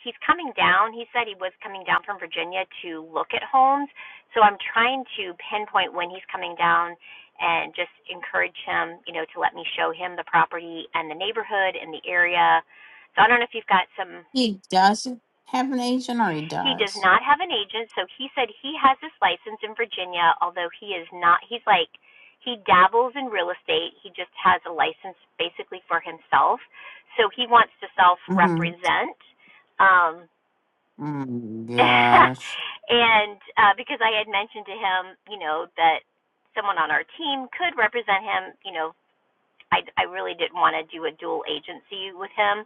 He's coming down. He said he was coming down from Virginia to look at homes. So I'm trying to pinpoint when he's coming down and just encourage him, you know, to let me show him the property and the neighborhood and the area. So I don't know if you've got some He doesn't have an agent or he he does does? not have an agent, so he said he has his license in Virginia, although he is not, he's like, he dabbles in real estate. He just has a license basically for himself. So he wants to self Mm-hmm. represent. Um, Mm, gosh. and uh, because I had mentioned to him, you know, that someone on our team could represent him, you know, I, I really didn't want to do a dual agency with him.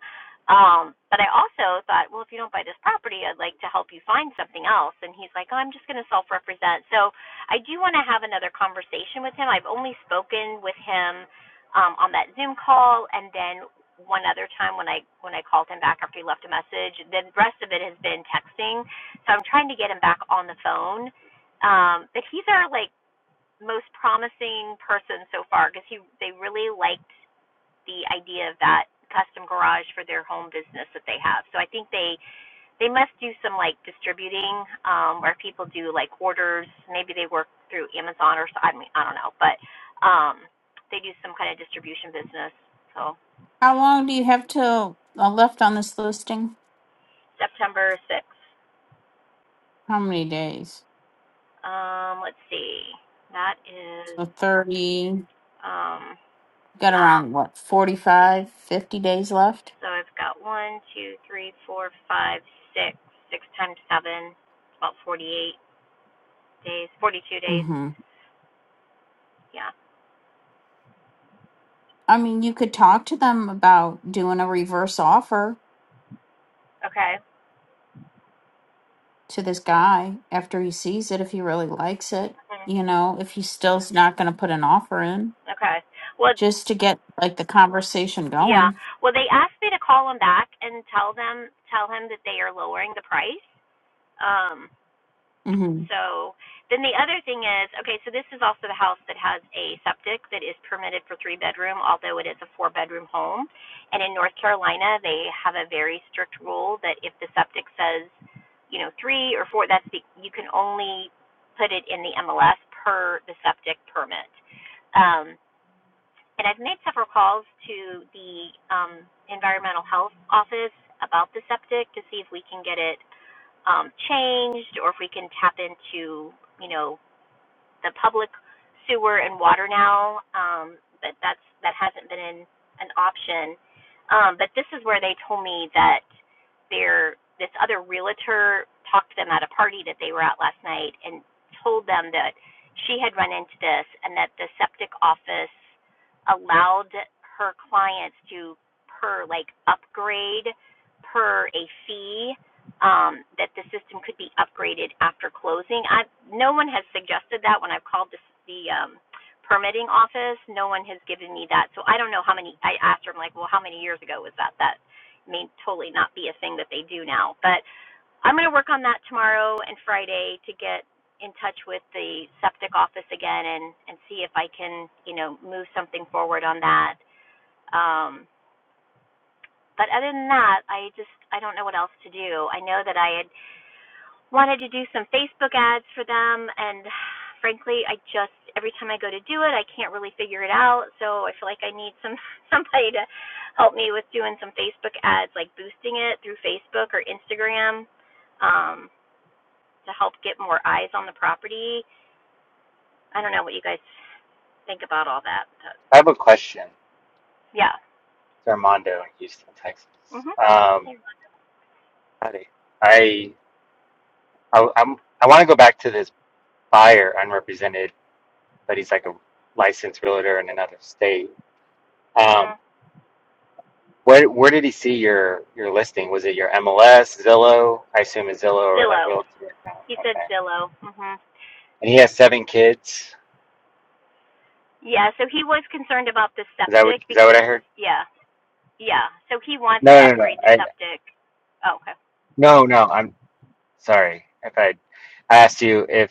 Um, but I also thought, well, if you don't buy this property, I'd like to help you find something else. And he's like, oh, I'm just going to self represent. So I do want to have another conversation with him. I've only spoken with him um, on that Zoom call and then one other time when I when I called him back after he left a message. The rest of it has been texting. So I'm trying to get him back on the phone. Um, but he's our like most promising person so far because he they really liked the idea of that custom garage for their home business that they have. So I think they they must do some like distributing um where people do like orders, maybe they work through Amazon or so, I mean I don't know, but um they do some kind of distribution business. So How long do you have till uh, left on this listing? September 6th. How many days? Um let's see. That is So 30, um let's got see. around what, 45, 50 days left? So I've got one, two, three, four, five, six, six times 7, about 48 days, 42 days. Mm-hmm. Yeah. I mean, you could talk to them about doing a reverse offer Okay. to this guy after he sees it if he really likes it, Mm, you know, if he still's not going to put an offer in, Okay. Well, just to get like the conversation yeah. going. Well, they asked me to call him back and tell them tell him that they are lowering the price. Um Mm-hmm. so then the other thing is, okay, so this is also the house that has a septic that is permitted for three bedroom, although it is a four bedroom home. And in North Carolina, they have a very strict rule that if the septic says, you know, three or four, that's the you can only put it in the MLS per the septic permit. Um, And I've made several calls to the um, environmental health office about the septic to see if we can get it um, changed or if we can tap into, you know, the public sewer and water now, um, but that's that hasn't been an, an option. Um, but this is where they told me that their this other realtor talked to them at a party that they were at last night and told them that she had run into this and that the septic office allowed her clients to per like upgrade per a fee um, that the system could be upgraded after closing. I, no one has suggested that when I've called the, the um, permitting office. No one has given me that. So I don't know how many. I asked her, I'm like, well, how many years ago was that? That may totally not be a thing that they do now. But I'm going to work on that tomorrow and Friday to get in touch with the septic office again and and see if I can, you know, move something forward on that. Um, but other than that, I just I don't know what else to do. I know that I had wanted to do some Facebook ads for them and frankly I just every time I go to do it I can't really figure it out so I feel like I need some somebody to help me with doing some Facebook ads like boosting it through Facebook or Instagram um to help get more eyes on the property. I don't know what you guys think about all that. But I have a question yeah. to Armando in Houston, Texas. Mhm. Um, Yeah. howdy. I, I I'm I want to go back to this buyer unrepresented, but he's like a licensed realtor in another state. Um, Mhm. where where did he see your your listing? Was it your MLS, Zillow? I assume it's Zillow or like Zillow. Realtor. He said Okay. Zillow. Mhm. And he has seven kids. Yeah, so he was concerned about the Is that what septic is that what I because heard? yeah, Yeah, so he wants to No, no, no. upgrade the I septic. Oh, okay. no, no. I'm sorry if I I asked you if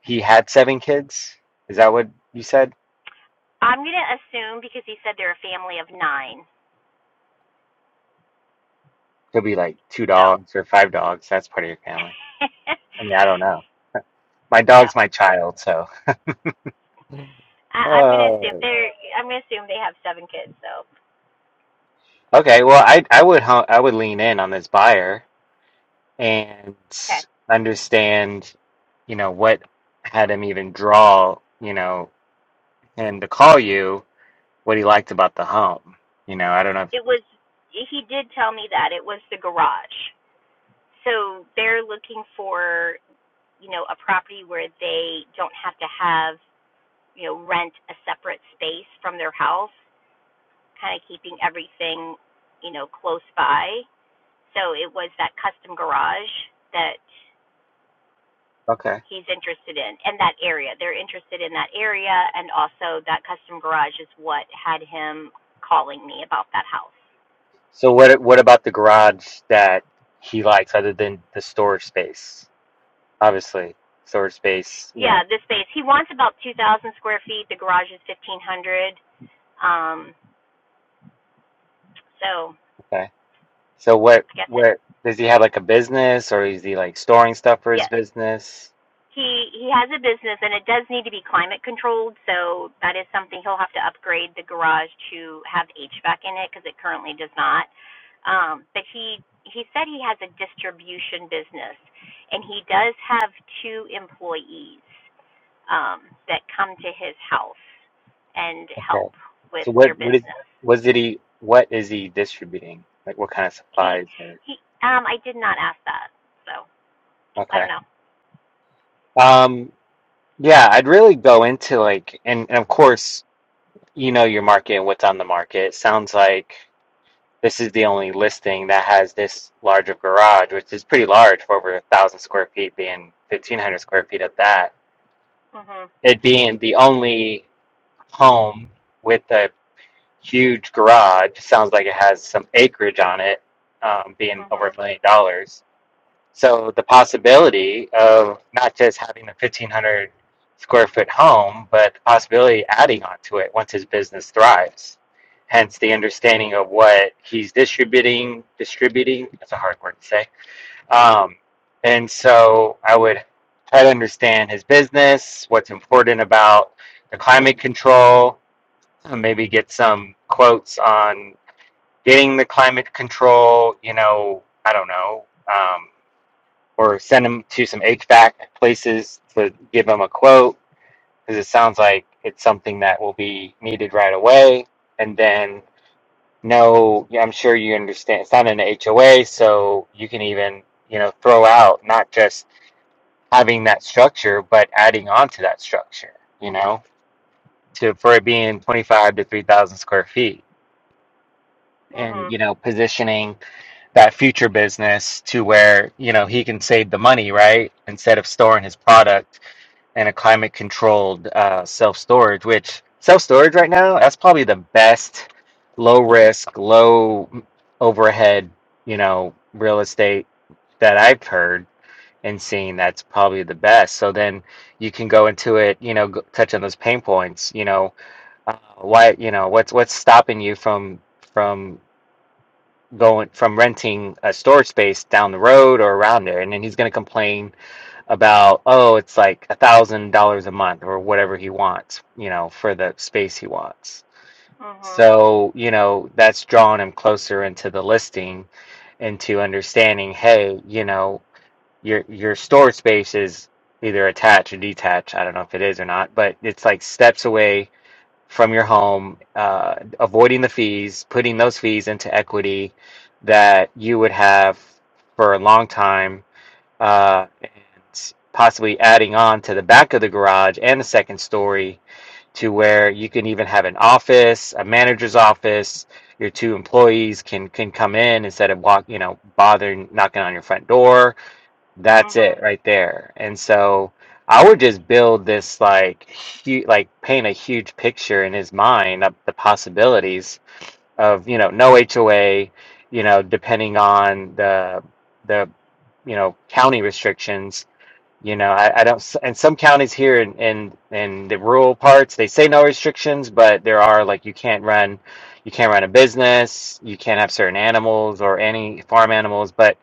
he had seven kids. Is that what you said? I'm going to assume because he said they're a family of nine. Could be like two So, dogs or five dogs. That's part of your family. I mean, I don't know. My yeah, dog's my child, so. I, I'm going to assume Oh, they're. I'm going to assume they have seven kids. So, okay. Well, I I would hon- I would lean in on this buyer and okay. understand, you know, what had him even draw, you know, him to call you, what he liked about the home. You know, I don't know. If, It was. He did tell me that it was the garage. So they're looking for you know a property where they don't have to have you know rent a separate space from their house, kind of keeping everything you know close by So it was that custom garage that okay. he's interested in and that area. They're interested in that area and also that custom garage is what had him calling me about that house. So what what about the garage that he likes other than the storage space? Obviously, storage space, you know. Yeah, the space. He wants about 2,000 square feet. The garage is 1,500. Um, so Okay. So what I guess it, what does he have like a business or is he like storing stuff for his yes. business? He he has a business and it does need to be climate controlled, so that is something he'll have to upgrade the garage to have HVAC in it because it currently does not. Um, but he he said he has a distribution business and he does have two employees um, that come to his house and help Okay. with So what their what is business. what did he what is he distributing? Like what kind of He supplies or he um I did not ask that. So I okay. don't know. Um yeah, I'd really go into like and, and of course you know your market and what's on the market. Sounds like this is the only listing that has this large of garage, which is pretty large for over a thousand square feet being fifteen hundred square feet at that. Mhm. It being the only home with a huge garage. Sounds like it has some acreage on it, um, being over a Mhm. million dollars. So the possibility of not just having a fifteen hundred square foot home, but the possibility of adding onto it once his business thrives. Hence the understanding of what he's distributing, distributing, that's a hard word to say. Um, and so I would try to understand his business, what's important about the climate control, uh, maybe get some quotes on getting the climate control, you know, I don't know, um, or send them to some HVAC places to give them a quote because it sounds like it's something that will be needed right away. And then, no, yeah, I'm sure you understand it's not an HOA, so you can even, you know, throw out not just having that structure, but adding on to that structure, you know, to for it being 25 to 3,000 square feet and Mhm. you know positioning that future business to where you know he can save the money right instead of storing his product in a climate controlled uh, self storage which self storage right now that's probably the best low risk low overhead you know real estate that I've heard and seen that's probably the best so then you can go into it you know go, touch on those pain points you know uh, why you know what's what's stopping you from from going from renting a storage space down the road or around there and then he's going to complain about oh it's like a thousand dollars a month or whatever he wants you know for the space he wants Mhm. so you know that's drawing him closer into the listing into understanding hey you know your your storage space is either attached or detached i don't know if it is or not but it's like steps away from your home, uh, avoiding the fees, putting those fees into equity that you would have for a long time, uh, and possibly adding on to the back of the garage and the second story to where you can even have an office, a manager's office. Your two employees can can come in instead of walk, you know, bothering knocking on your front door that's it Mhm. right there. And so I would just build this like huge, like paint a huge picture in his mind of the possibilities of, you know, no HOA, you know, depending on the the you know county restrictions. You know, I, I don't, s- and some counties here in, in in the rural parts, they say no restrictions, but there are like you can't run, you can't run a business, you can't have certain animals or any farm animals, but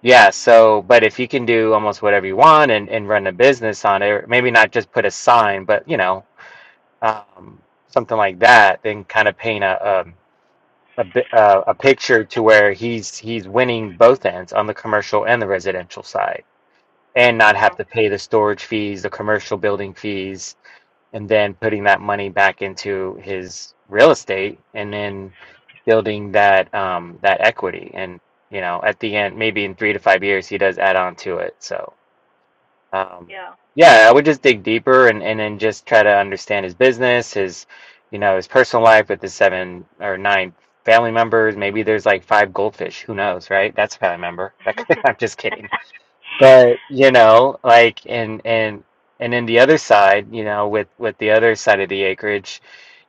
yeah, so but if you can do almost whatever you want and and run a business on it, or maybe not just put a sign, but you know, um, something like that, then kind of paint a um, a bi- uh, a picture to where he's he's winning both ends on the commercial and the residential side, and not have Mhm. to pay the storage fees, the commercial building fees, and then putting that money back into his real estate and then building that um that equity and you know at the end maybe in three to five years he does add on to it so um Yeah. yeah i would just dig deeper and and then just try to understand his business his you know his personal life with his seven or nine family members maybe there's like five goldfish who knows right that's a family member i'm just kidding but you know like and and and then the other side you know with with the other side of the acreage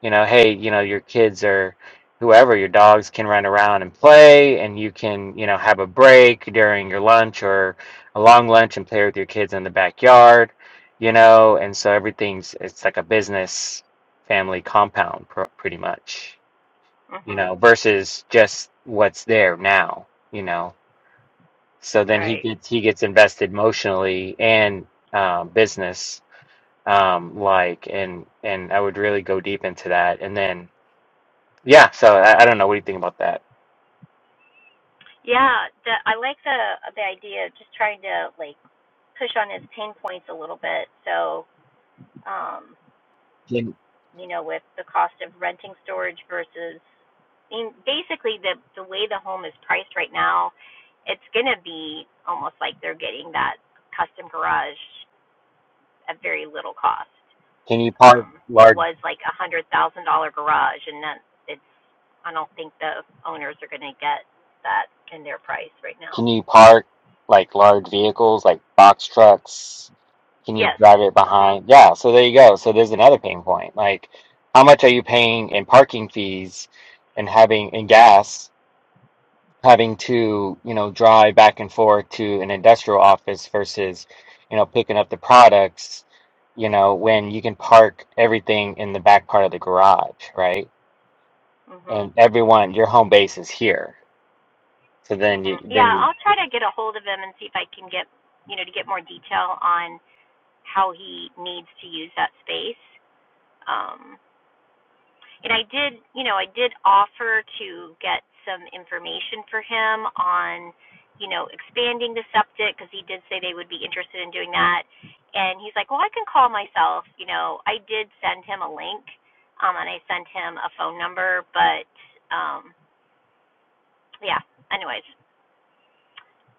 you know hey you know your kids or whoever your dogs can run around and play and you can you know have a break during your lunch or a long lunch and play with your kids in the backyard you know and so everything's it's like a business family compound pr- pretty much you mhm. know versus just what's there now you know so then he Right. gets he gets invested emotionally and um, business um, like and and I would really go deep into that and then yeah so I, I don't know what do you think about that Yeah, the, I like the the idea of just trying to like push on his pain points a little bit. So, um, can you know, with the cost of renting storage versus, I mean, basically the the way the home is priced right now, it's gonna be almost like they're getting that custom garage at very little cost. can you park um, it large was like a hundred thousand dollar garage, and that it's. I don't think the owners are going to get that in their price right now. can you park like large vehicles like box trucks can you Yes. drive it Mhm. behind yeah so there you go so there's another pain point like how much are you paying in parking fees and having in gas having to, you know, drive back and forth to an industrial office versus, you know, picking up the products, you know, when you can park everything in the back part of the garage, right? Mhm. And everyone, your home base is here. So then you, Mhm. then Yeah, you, I'll try to get a hold of him and see if I can get, you know, to get more detail on how he needs to use that space. Um, and I did, you know, I did offer to get some information for him on, you know, expanding the septic because he did say they would be interested in doing that. And he's like, well, I can call myself. You know, I did send him a link, um, and I sent him a phone number, but um, yeah. Anyways,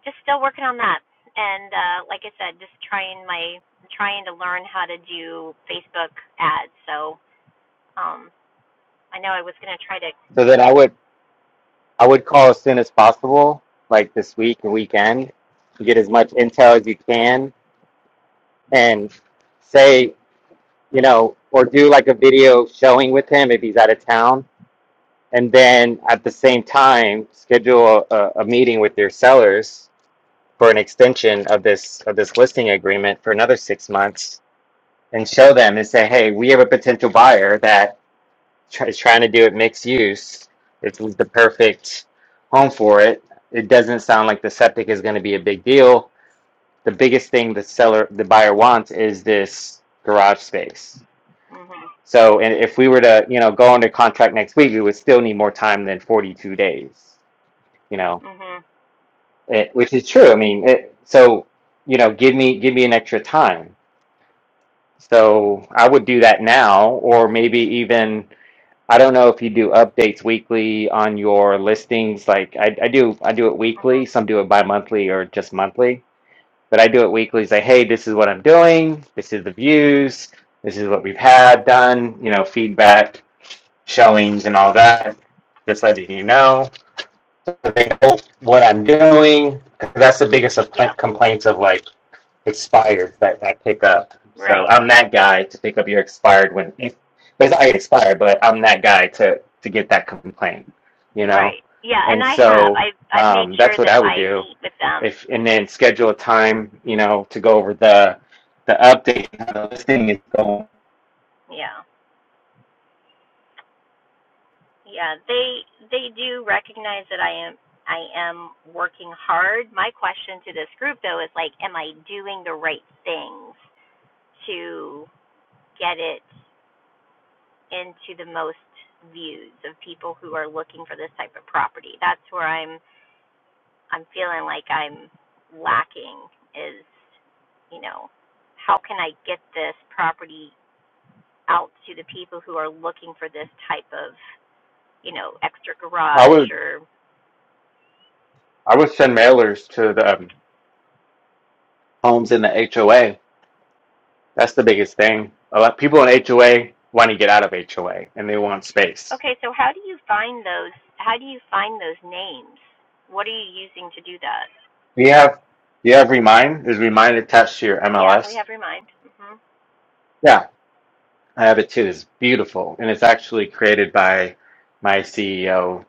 just still working on that. And uh, like I said, just trying my trying to learn how to do Facebook ads. So um, I know I was gonna try to. so then I would, I would call as soon as possible, like this week and weekend, to get as much intel as you can and say, you know, or do like a video showing with him if he's out of town and then at the same time schedule a, a meeting with your sellers for an extension of this of this listing agreement for another six months and show them and say hey we have a potential buyer that try, is trying to do it mixed use it's the perfect home for it it doesn't sound like the septic is going to be a big deal the biggest thing the seller the buyer wants is this garage space mhm. so and if we were to you know go under contract next week we would still need more time than 42 days you know, Mhm. it, which is true. I mean, it, so you know, give me give me an extra time. So I would do that now, or maybe even I don't know if you do updates weekly on your listings. Like I, I do, I do it weekly. Mhm. Some do it bi-monthly or just monthly, but I do it weekly. Say, hey, this is what I'm doing. This is the views. This is what we've had done. You know, feedback, showings, and all that. Just letting you know so they know what I'm doing. doing That's the biggest of Yeah. complaints of like expired that I pick up. So Right. I'm that guy to pick up your expired when but it's already expired, but I'm that guy to to get that complaint, you know. Right. Yeah, and And I have. so I've I've made um, sure that's what that I would I do. meet with them. If and then schedule a time, you know, to go over the the update how the listing is going. Yeah. Yeah. They they do recognize that I am I am working hard. My question to this group though is like, am I doing the right things to get it into the most views of people who are looking for this type of property? That's where I'm I'm feeling like I'm lacking is, you know, how can I get this property out to the people who are looking for this type of, you know, extra I garage would or I would send mailers to the um, homes in the HOA That's the biggest thing. A lot people in HOA want to get out of HOA and they want space. okay, so how do you find those how do you find those names? What are you using to do that? Do you have do you have Remind? Is Remind attached to your Yeah, we MLS? have Remind. Mhm. Yeah, I have it too. It's beautiful. And it's actually created by my CEO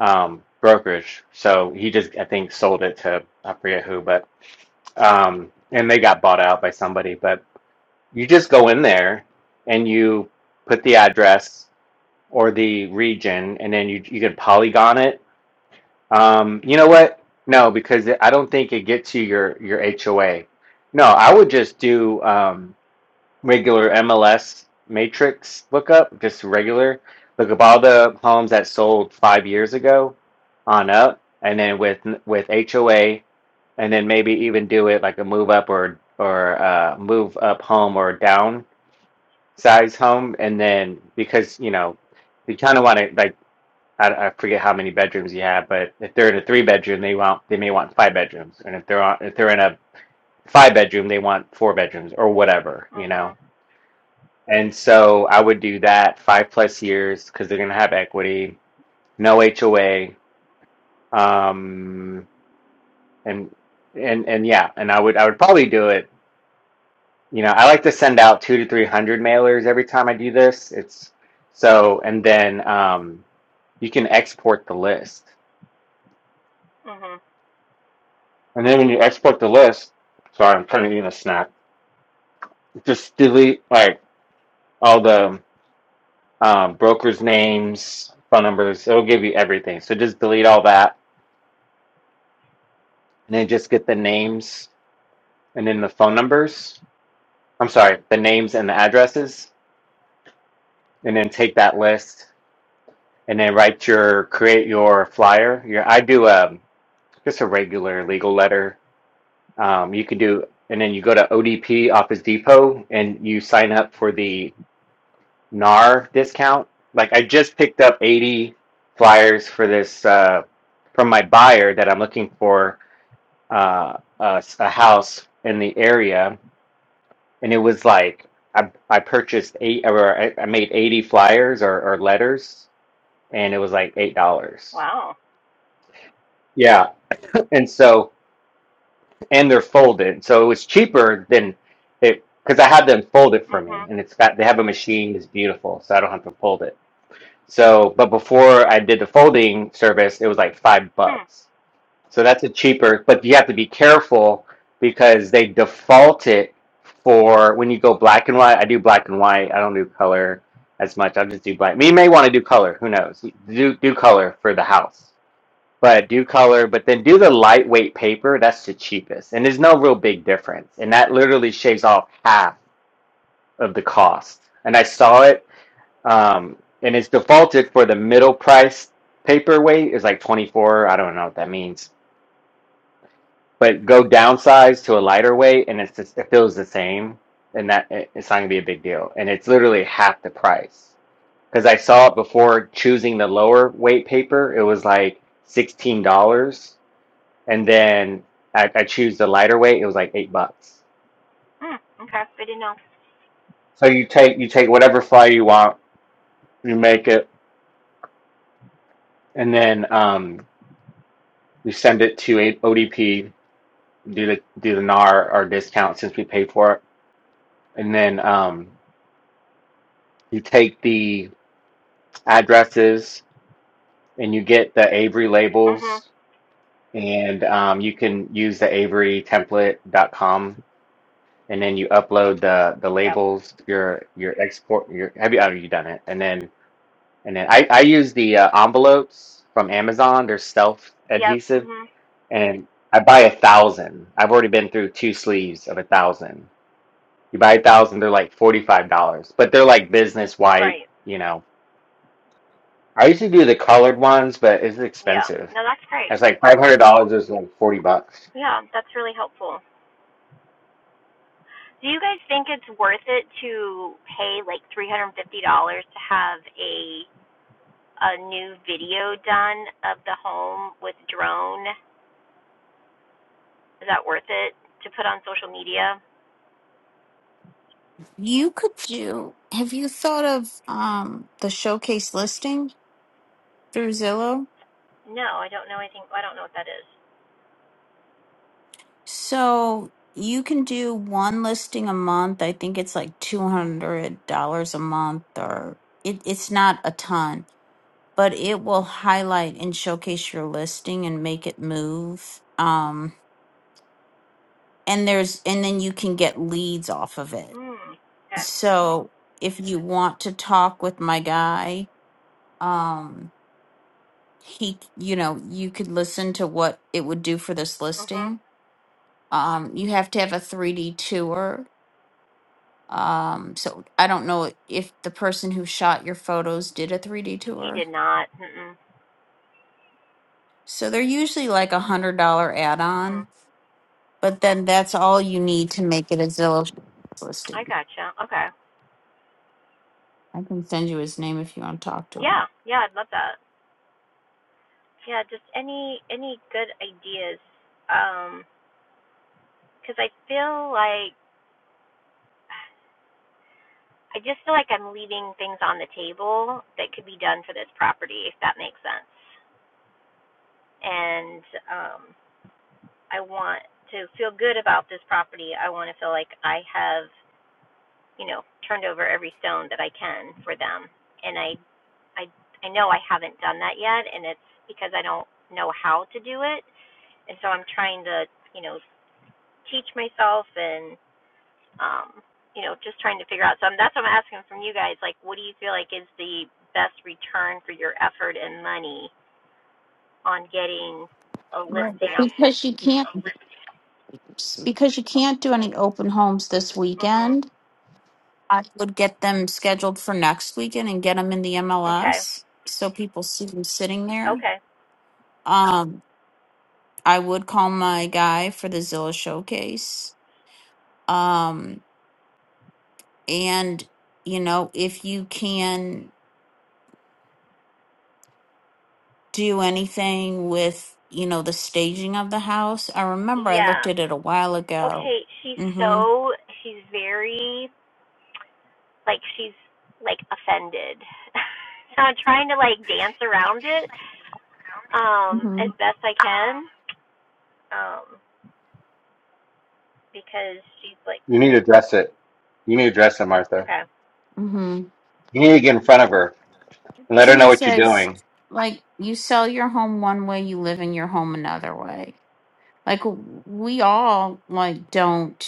um brokerage. So he just I think sold it to I forget who, but um and they got bought out by somebody. But you just go in there and you put the address or the region and then you you can polygon it Um, you know what? No, because it- I don't think it gets you your your HOA. No, I would just do um, regular MLS matrix lookup, just regular. Look up all the homes that sold five years ago on up, and then with with HOA, and then maybe even do it like a move up or or uh, move up home or down size home, and then because you know you kind of want to like I, I forget how many bedrooms you have, but if they're in a three bedroom, they want they may want five bedrooms, and if they're on if they're in a five bedroom, they want four bedrooms or whatever, you know. Mhm. And so I would do that five plus years because they're gonna have equity, no HOA, um, and and and yeah, and I would I would probably do it. You know, I like to send out two to three hundred mailers every time I do this. It's so, and then um, you can export the list. Mhm. And then when you export the list, sorry, I'm trying to eat a snack. Just delete like all the um, brokers' names, phone numbers. It'll give you everything. So just delete all that, and then just get the names and then the phone numbers. I'm sorry, the names and the addresses, and then take that list and then write your create your flyer. Your I do um just a regular legal letter. Um, you can do, and then you go to ODP Office Depot and you sign up for the NAR discount. Like I just picked up 80 flyers for this uh, from my buyer that I'm looking for uh, a, s- a house in the area, and it was like I I purchased eight or I, I made 80 flyers or, or letters, and it was like eight dollars. Wow. Yeah, and so and they're folded, so it was cheaper than it because I had them fold it for me, Mhm. and it's got they have a machine that's beautiful, so I don't have to fold it So, but before I did the folding service, it was like five Hmm. bucks. So that's a cheaper, but you have to be careful because they default it for when you go black and white. I do black and white. I don't do color as much. I'll just do black. You may want to do color. Who knows? Do do color for the house, but do color. But then do the lightweight paper. That's the cheapest, and there's no real big difference. And that literally shaves off half of the cost. And I saw it um, and it's defaulted for the middle price paper weight is like 24. I don't know what that means, but go downsize to a lighter weight and it's just, it feels the same. And that it- it's not gonna be a big deal. And it's literally half the price. Cause I saw it before choosing the lower weight paper. It was like $16. And then I, I choose the lighter weight. It was like eight bucks. Hmm. Okay. Good enough. So you take, you take whatever flyer you want, you make it, and then, um, you send it to a ODP do the do the NAR or discount since we paid for it. And then um, you take the addresses and you get the Avery Mhm. labels and um, you can use the AveryTemplate.com and then you upload the the Yep. labels, your your export your have you oh, you done it? And then and then I, I use the uh, envelopes from Amazon. They're self Yep. adhesive Mhm. and I buy a thousand. I've already been through two sleeves of a thousand You buy a thousand, they're like $45, but they're like business white, Right. you know. I used to do the colored ones, but it's Yeah. expensive. No, that's great. It's like $500 is like 40 bucks. Yeah, that's really helpful. Do you guys think it's worth it to pay like three hundred and fifty dollars to have a a new video done of the home with drone? Is that worth it to put on social media? You could do, have you thought of um the showcase listing through Zillow? No, I don't know anything. I don't know what that is. So you can do one listing a month. I think it's like $200 a month or it, it's not a ton, but it will highlight and showcase your listing and make it move. Um, and there's, and then you can get leads off of it. Hmm. Okay. So if you want to talk with my guy, um, he, you know, you could listen to what it would do for this Mhm. listing. Um, you have to have a 3D tour Um, so I don't know if the person who shot your photos did a 3D He tour. did not. Mm. So they're usually like a hundred dollar add on, Mhm. but then that's all you need to make it a Zillow I listing. gotcha. Okay. I can send you his name if you want to talk to him. Yeah. Yeah. I'd love that. Yeah. Just any any good ideas. Um. Because I feel like I just feel like I'm leaving things on the table that could be done for this property, if that makes sense. And um, I want to feel good about this property. I want to feel like I have, you know, turned over every stone that I can for them. And I, I, I know I haven't done that yet, and it's because I don't know how to do it. And so I'm trying to, you know, teach myself and um, you know, just trying to figure out. So I'm, that's what I'm asking from you guys. Like, what do you feel like is the best return for your effort and money on getting a Right. listing out there? Because you can't because you can't do any open homes this Mhm. weekend. I would get them scheduled for next weekend and get them in the Okay. MLS so people see them sitting there. Okay. Um, I would call my guy for the Zilla showcase. Um, and you know, if you can do anything with you know the staging of the house, I remember I looked Yeah. at it a while ago. Okay. She's Mm-hmm. so she's very like she's like offended. so I'm trying to like dance around it um Mm-hmm. as best I can um because she's like You need to dress it. You need to dress it, Martha. okay. Mm-hmm. You need to get in front of her and let her know Cindy what you're says, doing. like, you sell your home one way, you live in your home another way. Like w- we all like don't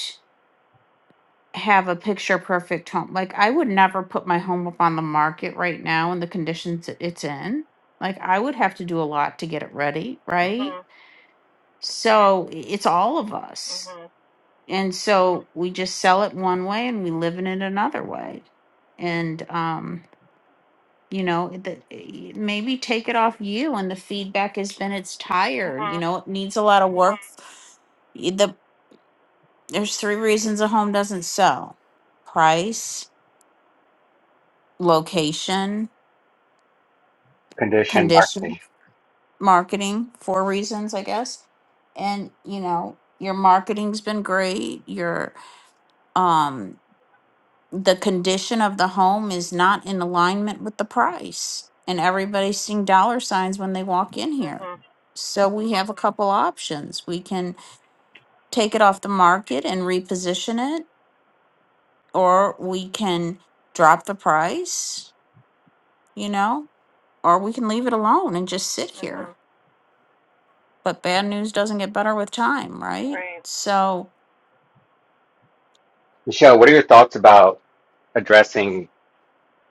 have a picture perfect home. Like I would never put my home up on the market right now in the conditions that it's in. Like I would have to do a lot to get it ready, right? Mhm. So i- it's all of us. Mhm. And so we just sell it one way and we live in it another way. And um you know the, i- maybe take it off you and the feedback has been it's tired you Mhm. know it needs a lot of work There's three reasons a home doesn't sell price, location, Condition condition, marketing. marketing, four reasons, I guess. And, you know, your marketing's been great. Your, um, the condition of the home is not in alignment with the price. And everybody's seeing dollar signs when they walk in here. Mhm. So we have a couple options. We can take it off the market and reposition it, or we can drop the price, you know? or we can leave it alone and just sit Mhm. here. But bad news doesn't get better with time, right? Right. So, Michelle, what are your thoughts about addressing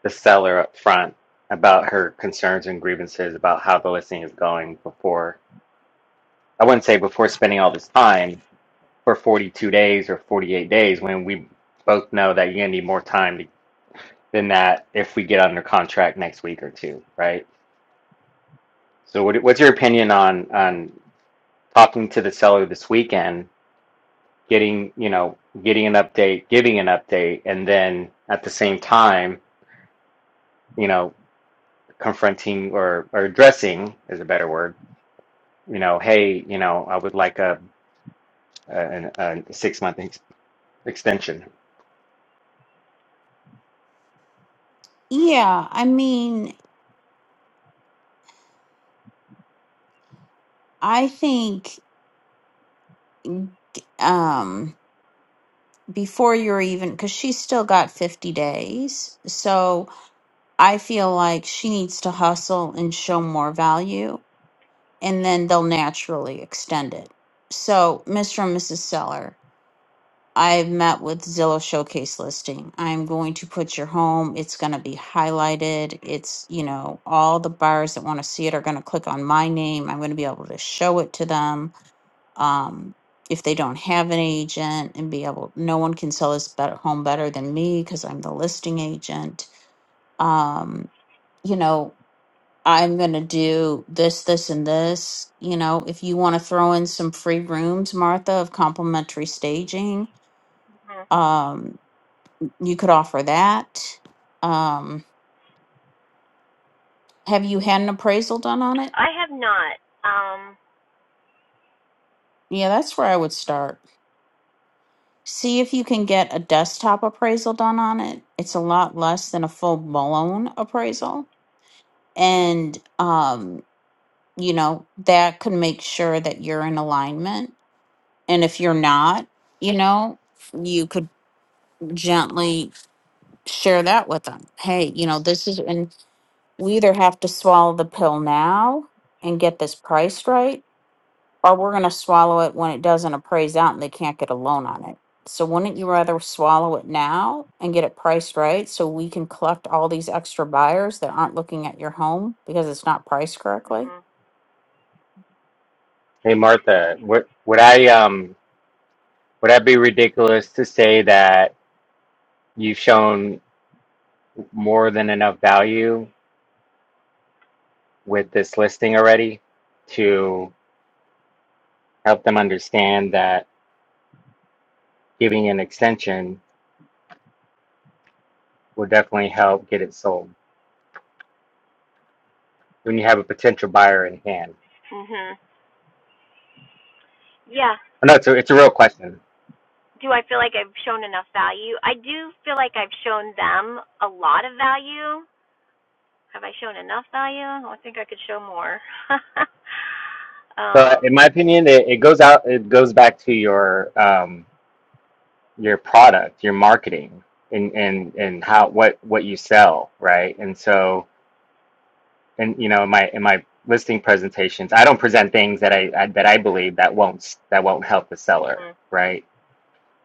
the seller up front about her concerns and grievances about how the listing is going before, I wouldn't say before spending all this time, for 42 days or 48 days when we both know that you're going to need more time to, than that if we get under contract next week or two, right? So what, what's your opinion on on talking to the seller this weekend, getting, you know, getting an update, giving an update and then at the same time, you know, confronting or or addressing is a better word, you know, hey, you know, I would like a a, an- a 6 month ex- extension. yeah, I mean, I think um before you're even cuz she's still got 50 days. So, I feel like she needs to hustle and show more value and then they'll naturally extend it. So, Mr. and Mrs. Seller, I've met with Zillow showcase listing. I'm going to put your home. It's going to be highlighted. It's, you know, all the buyers that want to see it are going to click on my name. I'm going to be able to show it to them. Um, if they don't have an agent and be able, no one can sell this better, home better than me because I'm the listing agent. Um, you know, I'm going to do this, this, and this. You know, if you want to throw in some free rooms, Martha, of complimentary staging hmm um you could offer that. Um, have you had an appraisal done on it? I have not. Um. Yeah, that's where I would start. See if you can get a desktop appraisal done on it. It's a lot less than a full blown appraisal. And, um, you know, that could make sure that you're in alignment. And if you're not, you know, you could gently share that with them. Hey, you know, this is, and we either have to swallow the pill now and get this priced right or we're going to swallow it when it doesn't appraise out and they can't get a loan on it. So wouldn't you rather swallow it now and get it priced right so we can collect all these extra buyers that aren't looking at your home because it's not priced correctly? Mhm. Hey Martha, what would I um Would that be ridiculous to say that you've shown more than enough value with this listing already to help them understand that giving an extension will definitely help get it sold when you have a potential buyer in hand? Mhm. Yeah. I know it's a, it's a real question. Do I feel like I've shown enough value? I do feel like I've shown them a lot of value. Have I shown enough value? I think I could show more. So um. in my opinion, it, it goes out, it goes back to your, um, your product, your marketing and, and, and how, what, what you sell, right? And so And you know in my in my listing presentations i don't present things that I, I that i believe that won't that won't help the seller Mhm. right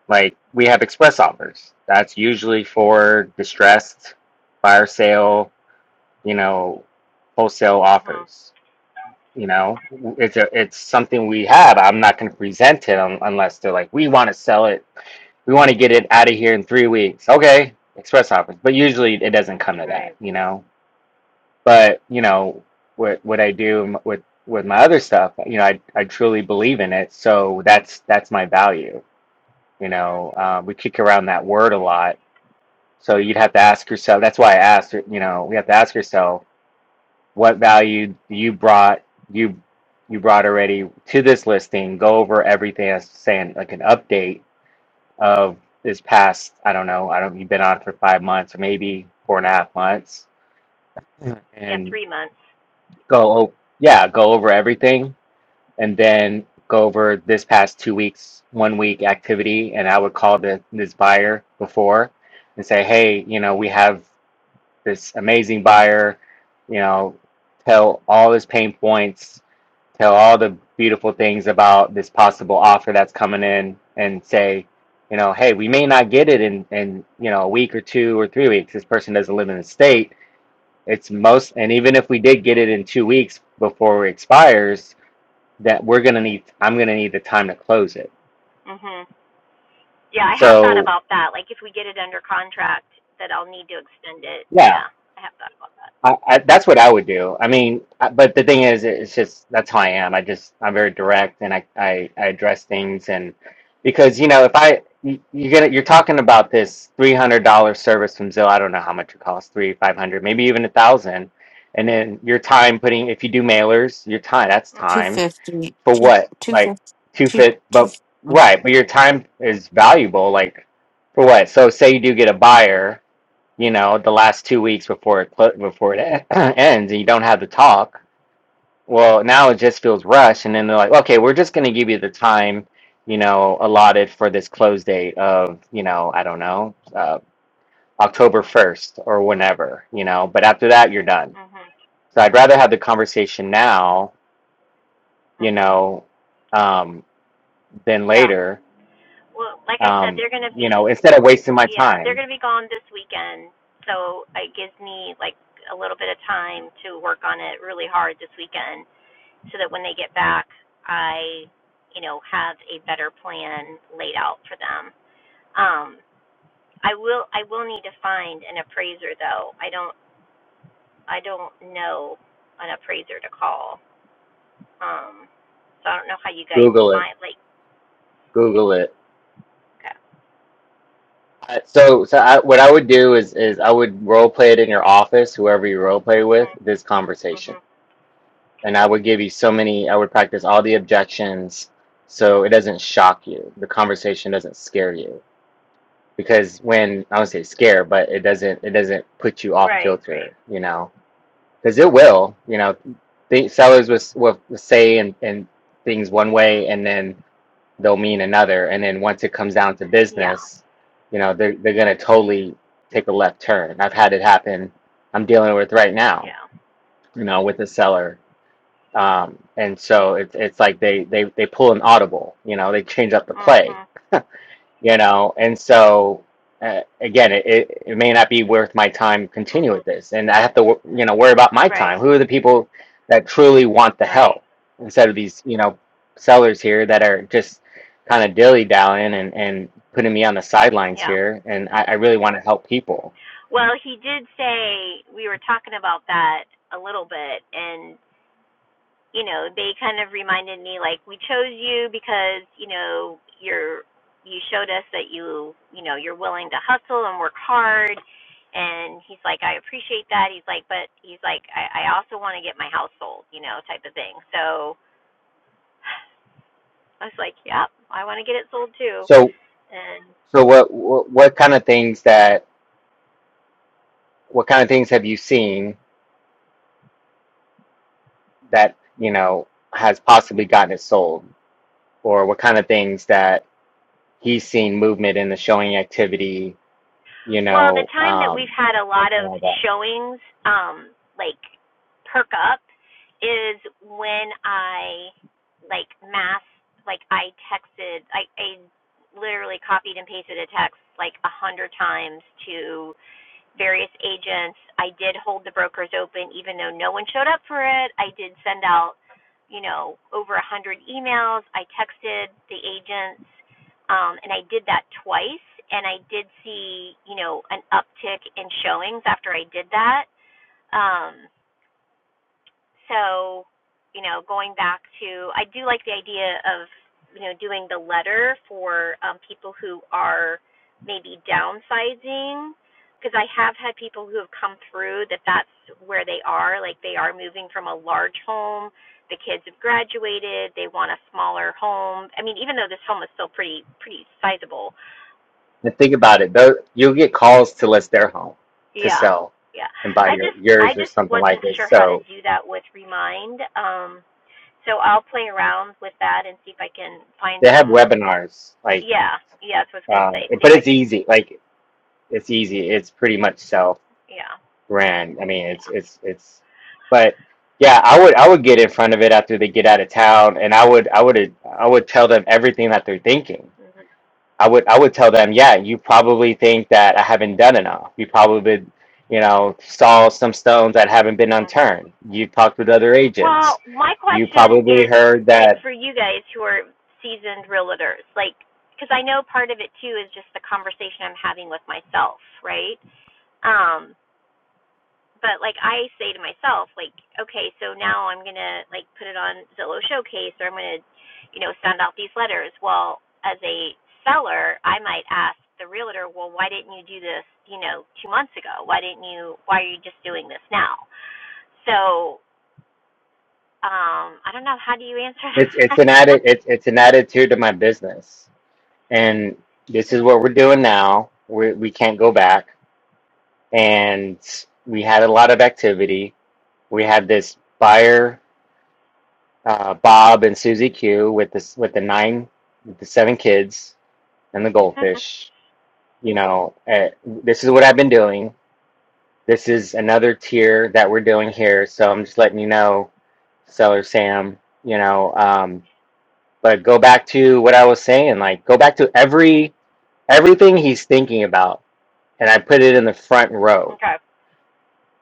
like we have express offers that's usually for distressed fire sale you know wholesale mhm. offers you know it's a it's something we have i'm not going to present it un- unless they're like we want to sell it we want to get it out of here in three weeks okay express offers but usually it doesn't come to that Right. you know but you know what what I do m- with with my other stuff, you know, I I truly believe in it, so that's that's my value. You Mhm. know, um, we kick around that word a lot, so you'd have to ask yourself. That's why I asked. You know, we have to ask yourself what value you brought you you brought already to this listing. Go over everything as saying like an update of this past. I don't know. I don't. You've been on for five months or maybe four and a half months, Yeah. and Three months. go. Oh, yeah, go over everything and then go over this past two weeks, one week activity. And I would call the, this buyer before and say, hey, you know, we have this amazing buyer, you know, tell all his pain points, tell all the beautiful things about this possible offer that's coming in and say, you know, hey, we may not get it in, in, you know, a week or two or three weeks. This person doesn't live in the state. It's most, and even if we did get it in two weeks before it expires, that we're gonna need i'm gonna need the time to close it Mhm. Yeah. I have thought so about that. Like if we get it under contract, that I'll need to extend it. yeah Yeah. I have thought about that. I, I, that's what i would do i mean I, but the thing is it's just that's how i Yeah. am i just i'm very Yeah. direct and i i, I address things and because you know if i you, you're gonna you're talking about this $300 service from zillow i don't know how much it costs three 500 maybe even a thousand and then your time putting if you do mailers your time that's Mhm. time 250, for 2, what? Like two 2, fifty, fit, two, but two. mm. right. But your time is valuable. Like for what? So say you do get a buyer, you know, the last two weeks before it clo- before it ends, and you don't have the talk. Well, now it just feels rushed, and then they're like, okay, we're just going to give you the time, you know, allotted for this close date of, you know, I don't know, uh, October first or whenever, you know. But after that, you're done. Mhm. So I'd rather have the conversation now, you Mhm. know, um, than Yeah. later Well, like I said, Um, they're gonna you be know, instead of wasting my yeah, they're time, gonna be gone this weekend. So it gives me like a little bit of time to work on it really hard this weekend so that when they get back I, you know, have a better plan laid out for them. Um I will I will need to find an appraiser though. I don't I don't know an appraiser to call. Um so I don't know how you guys Google it, find like Google it. okay. I- So, so I, what I would do is, is I would role play it in your office, whoever you role play with, mhm. this conversation, Mhm. and I would give you so many. I would practice all the objections, so it doesn't shock you. The conversation doesn't scare you because when I would say scare, but it doesn't, it doesn't put you off Right, right. kilter, you know, because it will, you know, think sellers was will s- will say and and things one way, and then they'll mean another and then once it comes down to Yeah. business you know they're, they're going to totally take a left turn i've had it happen i'm dealing with right now Yeah. you know with a seller um, and so it's it's like they they they pull an audible you know they change up the play Mhm. you know and so uh, again it, it, it may not be worth my time to continue with Mhm. this and i have to wor- you know worry about my Right. time who are the people that truly want the Right. help instead of these you know sellers here that are just kind of dilly dallying and, and putting me on the sidelines Yeah. here and i, I really want to help people Well, he did say we were talking about that a little bit, and you know, they kind of reminded me like we chose you because you know you're you showed us that you you know you're willing to hustle and work hard. And he's like, I appreciate that. He's like, but he's like, I, I also want to get my house sold, you know, type of thing. So I was like, yep, I want to get it sold too. so And. so what, what what kind of things that what kind of things have you seen that you know has possibly gotten it sold or what kind of things that he's seen movement in the showing activity, you Well, the know, time that um, we've had a lot and of all that. showings, um, like perk up, is when I like mass, like I texted, I, I literally copied and pasted a text like a hundred times to various agents. I did hold the brokers open even though no one showed up for it. I did send out, you know, over a hundred emails. I texted the agents, um, and I did that twice. And I did see, you know, an uptick in showings after I did that. Um, so, you know, going back to, I do like the idea of, you know, doing the letter for um, people who are maybe downsizing, because I have had people who have come through that that's where they are, like they are moving from a large home, the kids have graduated, they want a smaller home. I mean, even though this home is still pretty pretty sizable. And think about it, though, you'll get calls to list their home to Yeah. sell Yeah. and buy I your just yours I or just something like wasn't this. sure how to So do that with Remind. Um So I'll play around with that and see if I can find they have some. webinars, like, Yeah, yeah, that's what I was gonna uh, say. See but if I it's can. easy. Like it's easy. It's pretty much self Yeah, ran. I mean, it's yeah. it's it's, but yeah, I would I would get in front of it after they get out of town, and I would I would I would tell them everything that they're thinking Mhm. I would I would tell them, yeah, you probably think that I haven't done enough. You probably, you know, saw some stones that haven't been Mhm. unturned. You talked with other agents. Well, my You question probably is heard like that for you guys who are seasoned realtors, like because I know part of it too is just the conversation I'm having with myself, right? Um, but like I say to myself, like, okay, so now I'm gonna like put it on Zillow Showcase or I'm gonna, you know, send out these letters. Well, as a seller, I might ask the realtor, well, why didn't you do this, you know, two months ago? Why didn't you? Why are you just doing this now? So, um, I don't know. How do you answer it's it's that? an added it's it's an attitude to my business. And this is what we're doing now. We we can't go back. And we had a lot of activity. We had this buyer, uh, Bob and Susie Q with this with the nine with the seven kids and the goldfish you know, eh, this is what I've been doing. This is another tier that we're doing here. So I'm just letting you know, seller Sam, you know, um, but go back to what I was saying, like go back to every everything he's thinking about. And I put it in the front row okay.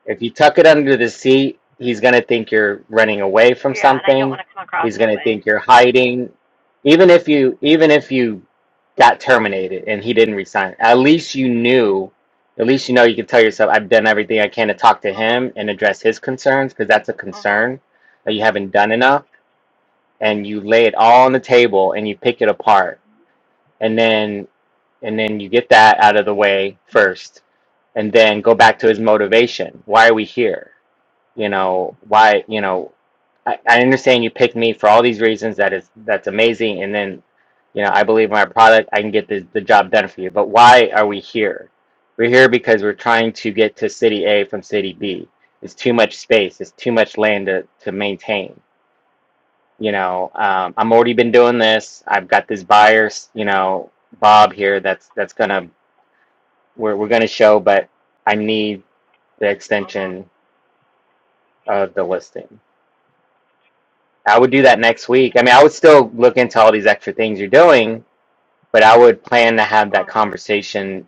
if you tuck it under the seat, he's going to think you're running away from Yeah, and I don't something. want to come across He's that going to way. think you're hiding. Even if you even if you got terminated and he didn't resign, at least you knew. At least you know you can tell yourself, I've done everything I can to talk to Mhm. him and address his concerns because that's a Mhm. concern that you haven't done enough. And you lay it all on the table and you pick it apart. And then and then you get that out of the way first and then go back to his motivation. Why are we here? you know why you know I, I understand you picked me for all these reasons that is that's amazing and then you know i believe in my product i can get the, the job done for you but why are we here we're here because we're trying to get to city a from city b it's too much space it's too much land to, to maintain you know um, i'm already been doing this i've got this buyer you know bob here that's that's gonna we're, we're gonna show but i need the Mhm. extension of the listing I would do that next week. I mean, I would still look into all these extra things you're doing, but I would plan to have that Mhm. conversation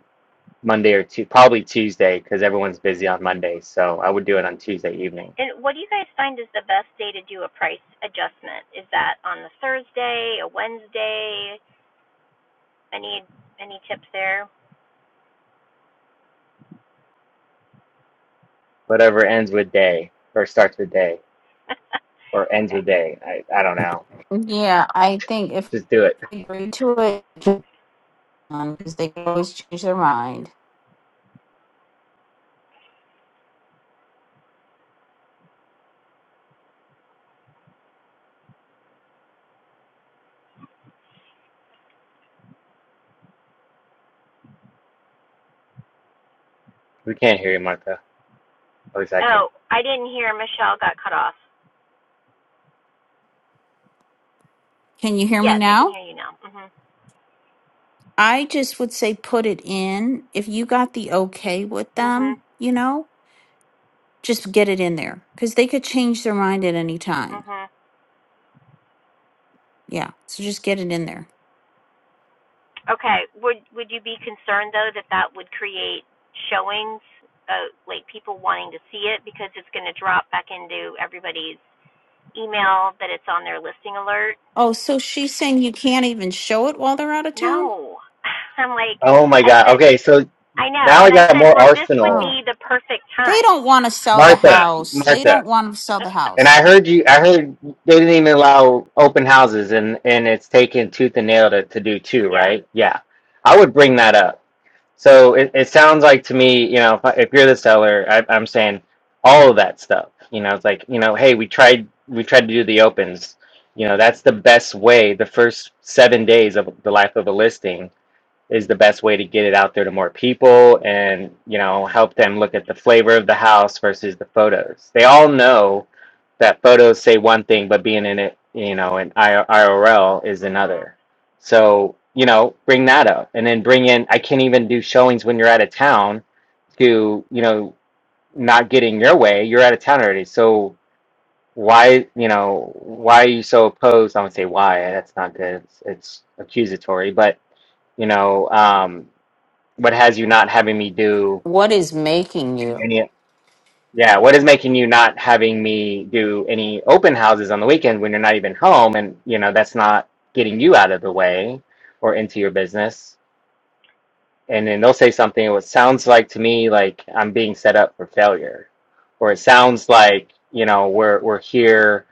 Monday or two, probably Tuesday, because everyone's busy on Monday. So I would do it on Tuesday evening, And what do you guys find is the best day to do a price adjustment? Is that on the Thursday, a Wednesday? Any any tips there? whatever ends with day or starts with day or ends with day. I, I don't know. Yeah, I think if Just do it. we agree to it, because they can always change their mind. We can't hear you, Martha. At least I can't. oh, I didn't hear. Michelle got cut off. Can you hear me Yes, I can now? hear you now. Mhm. I just would say put it in. If you got the okay with Mhm. them, you know, just get it in there because they could change their mind at any time. Mhm. Yeah. So just get it in there. Okay. Would would you be concerned though that that would create showings, uh, like people wanting to see it because it's going to drop back into everybody's email that it's on their listing alert? Oh, so she's saying you can't even show it while they're out of town? No. I'm like, Oh my I God. said Okay. So I know. now I And I got said, more well, this would Oh. arsenal. be the perfect They time. don't want to sell the Martha, house. They Martha. don't want to sell the And I house. heard you. I heard they didn't even allow open houses, and and it's taken tooth and nail to to do two, yeah. right? Yeah, I would bring that up. So it, it sounds like to me, you know, if, I- if you're the seller, I, I'm saying all of that stuff. You know, it's like you know, hey, we tried we tried to do the opens. You know, that's the best way. The first seven days of the life of a listing is the best way to get it out there to more people and you know help them look at the flavor of the house versus the photos they all know that photos say one thing but being in it you know in irl is Mhm. another so you know bring that up and then bring in i can't even do showings when you're out of town to you know not getting your way you're out of town already so why you know why are you so opposed i don't say why that's not good it's, it's accusatory but you know um what has you not having me do What is making you? any yeah what is making you not having me do any open houses on the weekend when you're not even home and you know that's not getting you out of the way or into your business and then they'll say something what sounds like to me like i'm being set up for failure or it sounds like you know we're we're here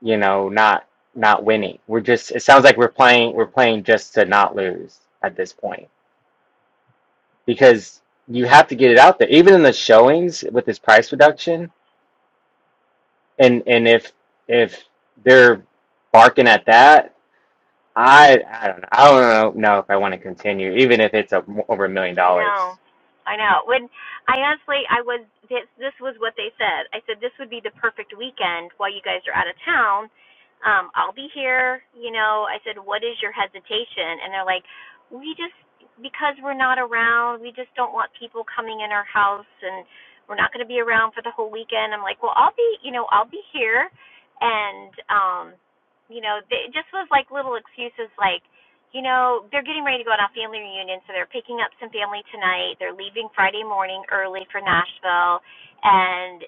you know not not winning we're just it sounds like we're playing we're playing just to not lose at this point because you have to get it out there even in the showings with this price reduction and and if if they're barking at that i i don't know i don't know, if i want to continue even if it's a over a million I dollars know. I know. When I honestly, I was this. This was what they said. I said this would be the perfect weekend while you guys are out of town. Um, I'll be here. You know. I said, what is your hesitation? And they're like, we just because we're not around, we just don't want people coming in our house, and we're not going to be around for the whole weekend. I'm like, well, I'll be. You know, I'll be here, and um, you know, they, it just was like little excuses, like you know, they're getting ready to go on a family reunion, so they're picking up some family tonight. They're leaving Friday morning early for Nashville, and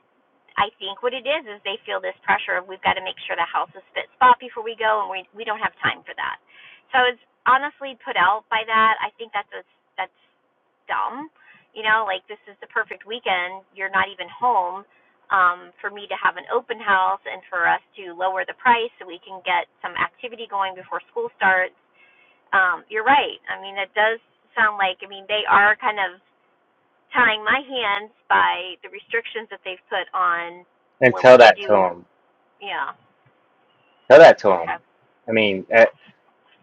I think what it is is they feel this pressure of we've got to make sure the house is fit spot before we go, and we we don't have time for that. So I was honestly put out by that. I think that's a, that's dumb. You know, like this is the perfect weekend. You're not even home um, for me to have an open house and for us to lower the price so we can get some activity going before school starts um, you're right. I mean, it does sound like, I mean, they are kind of tying my hands by the restrictions that they've put on and when we tell can that to do, them yeah. tell that to Okay. them i mean eh,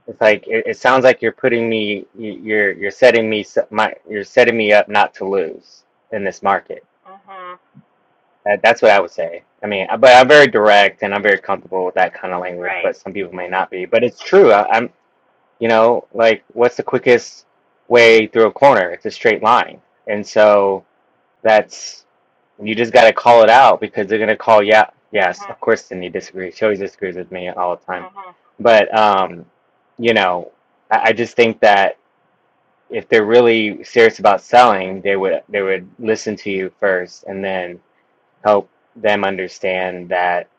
it's like it, it sounds like you're putting me you- you're you're setting me s- my you're setting me up not to lose in this market Mhm. Uh, That's what I would say. I mean, I- but I'm very direct and I'm very comfortable with that kind of language, but Right. some people may not be. But it's true. I, I'm, you know, like, what's the quickest way through a corner? It's a straight line. And so that's, you just got to call it out because they're going to call, yeah, yes, Mhm. of course, Cindy disagrees. She always disagrees with me all the time. Mhm. But, um, you know, I, I just think that if they're really serious about selling, they would, they would listen to you first and then help them understand that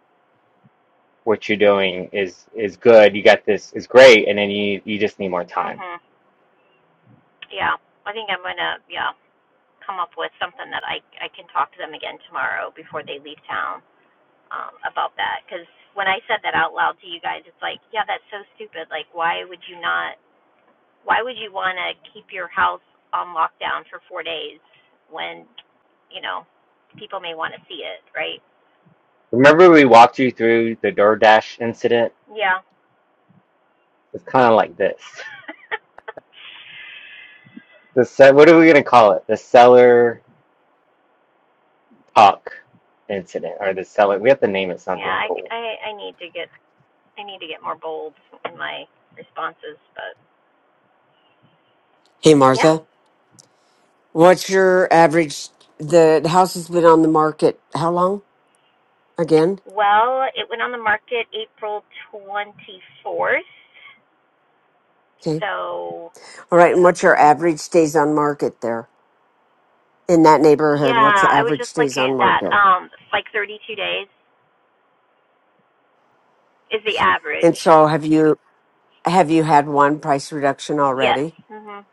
what you're doing is is good. You got this is great, and then you you just need more time. Mhm. Yeah. I think I'm gonna, yeah, come up with something that I I can talk to them again tomorrow before they leave town um, about that. Because when I said that out loud to you guys, it's like, yeah, that's so stupid. Like, why would you not? why would you want to keep your house on lockdown for four days when, you know, people may want to see it, right? Remember we walked you through the DoorDash incident? Yeah. It's kind of like this. The se- what are we gonna call it? The seller talk incident or the seller? We have to name it something yeah, I, cool. I, I need to get I need to get more bold in my responses, but Hey, yeah. Martha. What's your average? The, the house has been on the market how long? Again? Well, it went on the market April 24th, Okay. so All right. And what's your average days on market there in that yeah, neighborhood? What's the I was just average days looking on at that. market? Um, it's like 32 days is the average. And so have you have you had one price reduction Yes. already? Mhm.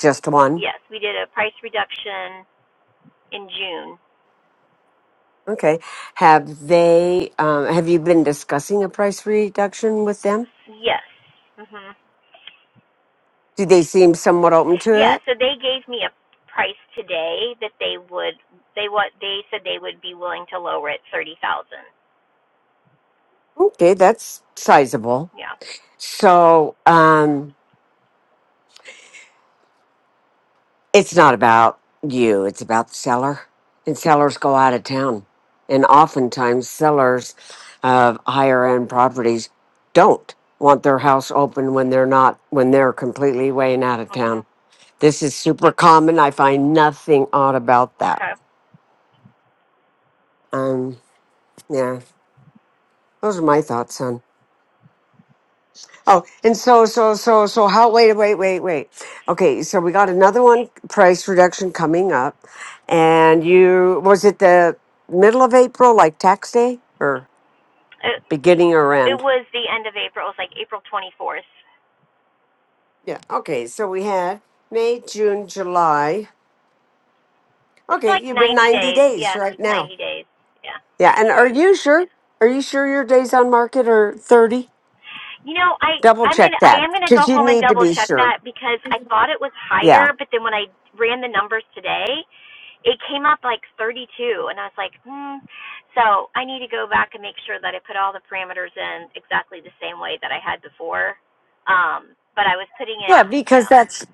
Just one? Yes, we did a price reduction in June. Okay. Have they um, have you been discussing a price reduction with them? Yes. Mhm. Do they seem somewhat open to Yeah, it? so they gave me a price today that they would they what they said they would be willing to lower it 30,000. Okay, that's sizable. Yeah. So, um, It's not about you, it's about the seller. And sellers go out of town. And oftentimes, sellers of higher end properties don't want their house open when they're not, when they're completely way and out of town. Mhm. This is super common. I find nothing odd about that. Okay. Um, yeah, those are my thoughts on Oh, and so, so, so, so, how, wait, wait, wait, wait. Okay, so we got another one price reduction coming up. And you, was it the middle of April, like tax day or It beginning or it end? was the end of April. It was like April 24th. Yeah. Okay, so we had May, June, July. It's Okay, like you've been 90 90 days. days Yeah, right now. 90 days. Yeah. Yeah. And are you sure? Are you sure your days on market are 30? You know, I Double I'm check gonna I that am gonna because go you home and need to double be check sure. that because I thought it was Yeah. higher, but then when I ran the numbers today, it came up like 32, and I was like, hmm. So I need to go back and make sure that I put all the parameters in exactly the same way that I had before. Um, but I was putting in Yeah, because yeah, that's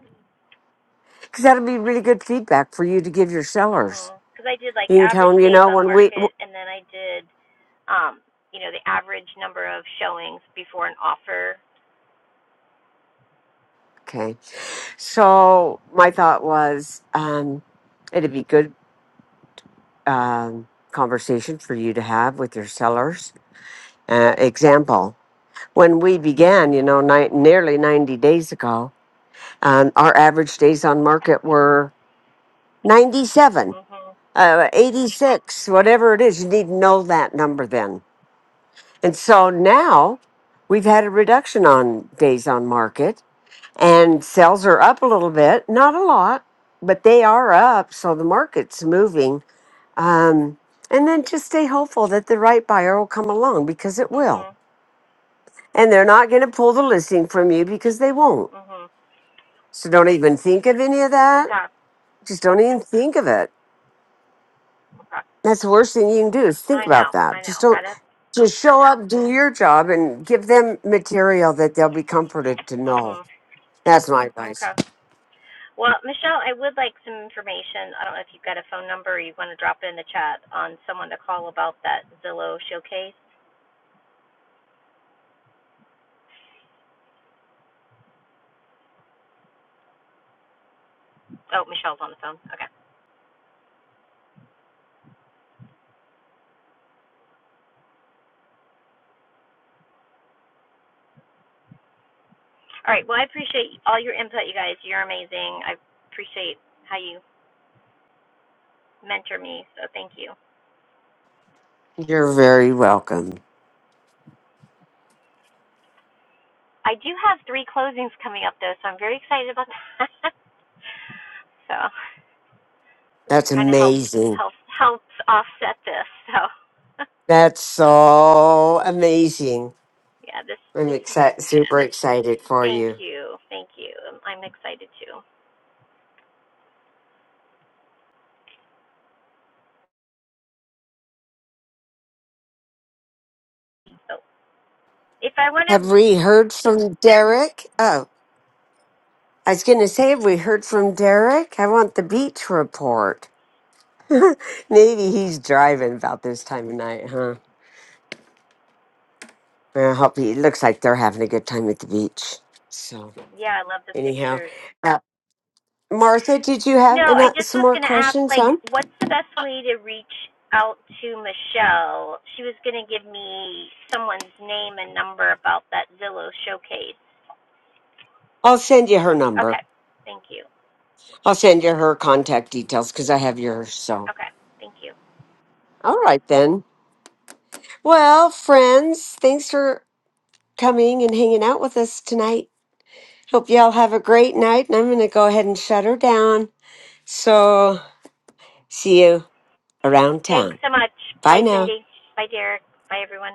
because that'll be really good feedback for you to give your sellers. mhm, because I did like You can tell average them, you days know, on when we. w- market, and then I did um, you know, the average number of showings before an offer. Okay. So my thought was um, it'd be good um, conversation for you to have with your sellers. Uh, example, when we began, you know, ni- nearly 90 days ago, um, our average days on market were 97, Mhm. uh, 86, whatever it is. You need to know that number then. And so now we've had a reduction on days on market and sales are up a little bit, not a lot, but they are up. So the market's moving. Um, and then just stay hopeful that the right buyer will come along because it will. Mhm. And they're not going to pull the listing from you because they won't. Mhm. So don't even think of any of that. Okay. Just don't even think of it. Okay. That's the worst thing you can do is think I about know, I that. know. Just don't, Got it. just show up, do your job, and give them material that they'll be comforted to know. Mhm. That's my advice. Okay. Well, Michelle, I would like some information. I don't know if you've got a phone number or you want to drop it in the chat on someone to call about that Zillow showcase. Oh, Michelle's on the phone. Okay. All right. Well, I appreciate all your input, you guys. You're amazing. I appreciate how you mentor me, so thank you. You're very welcome. I do have three closings coming up though, so I'm very excited about that. so it That's kind of helps amazing. helps helps offset this. So That's so amazing. yeah, this I'm this excited, super excited for Thank you. you. Thank you. I'm excited too. So if I want Have to, we heard from Derek? Oh, I was going to say, have we heard from Derek? I want the beach report. Maybe he's driving about this time of night, huh? I hope he it looks like they're having a good time at the beach. So, yeah, I love the anyhow, pictures. uh, Martha, did you No, have I ano- just some was more going to ask, questions, like, huh? what's the best way to reach out to Michelle? She was going to give me someone's name and number about that Zillow showcase. I'll send you her number. Okay. Thank you. I'll send you her contact details because I have yours. So, Okay. Thank you. all right then. Well, friends, thanks for coming and hanging out with us tonight. Hope y'all have a great night, and I'm going to go ahead and shut her down. So, see you around Thanks town. so much. Bye Bye, now. Cindy. Bye, Derek. Bye, everyone.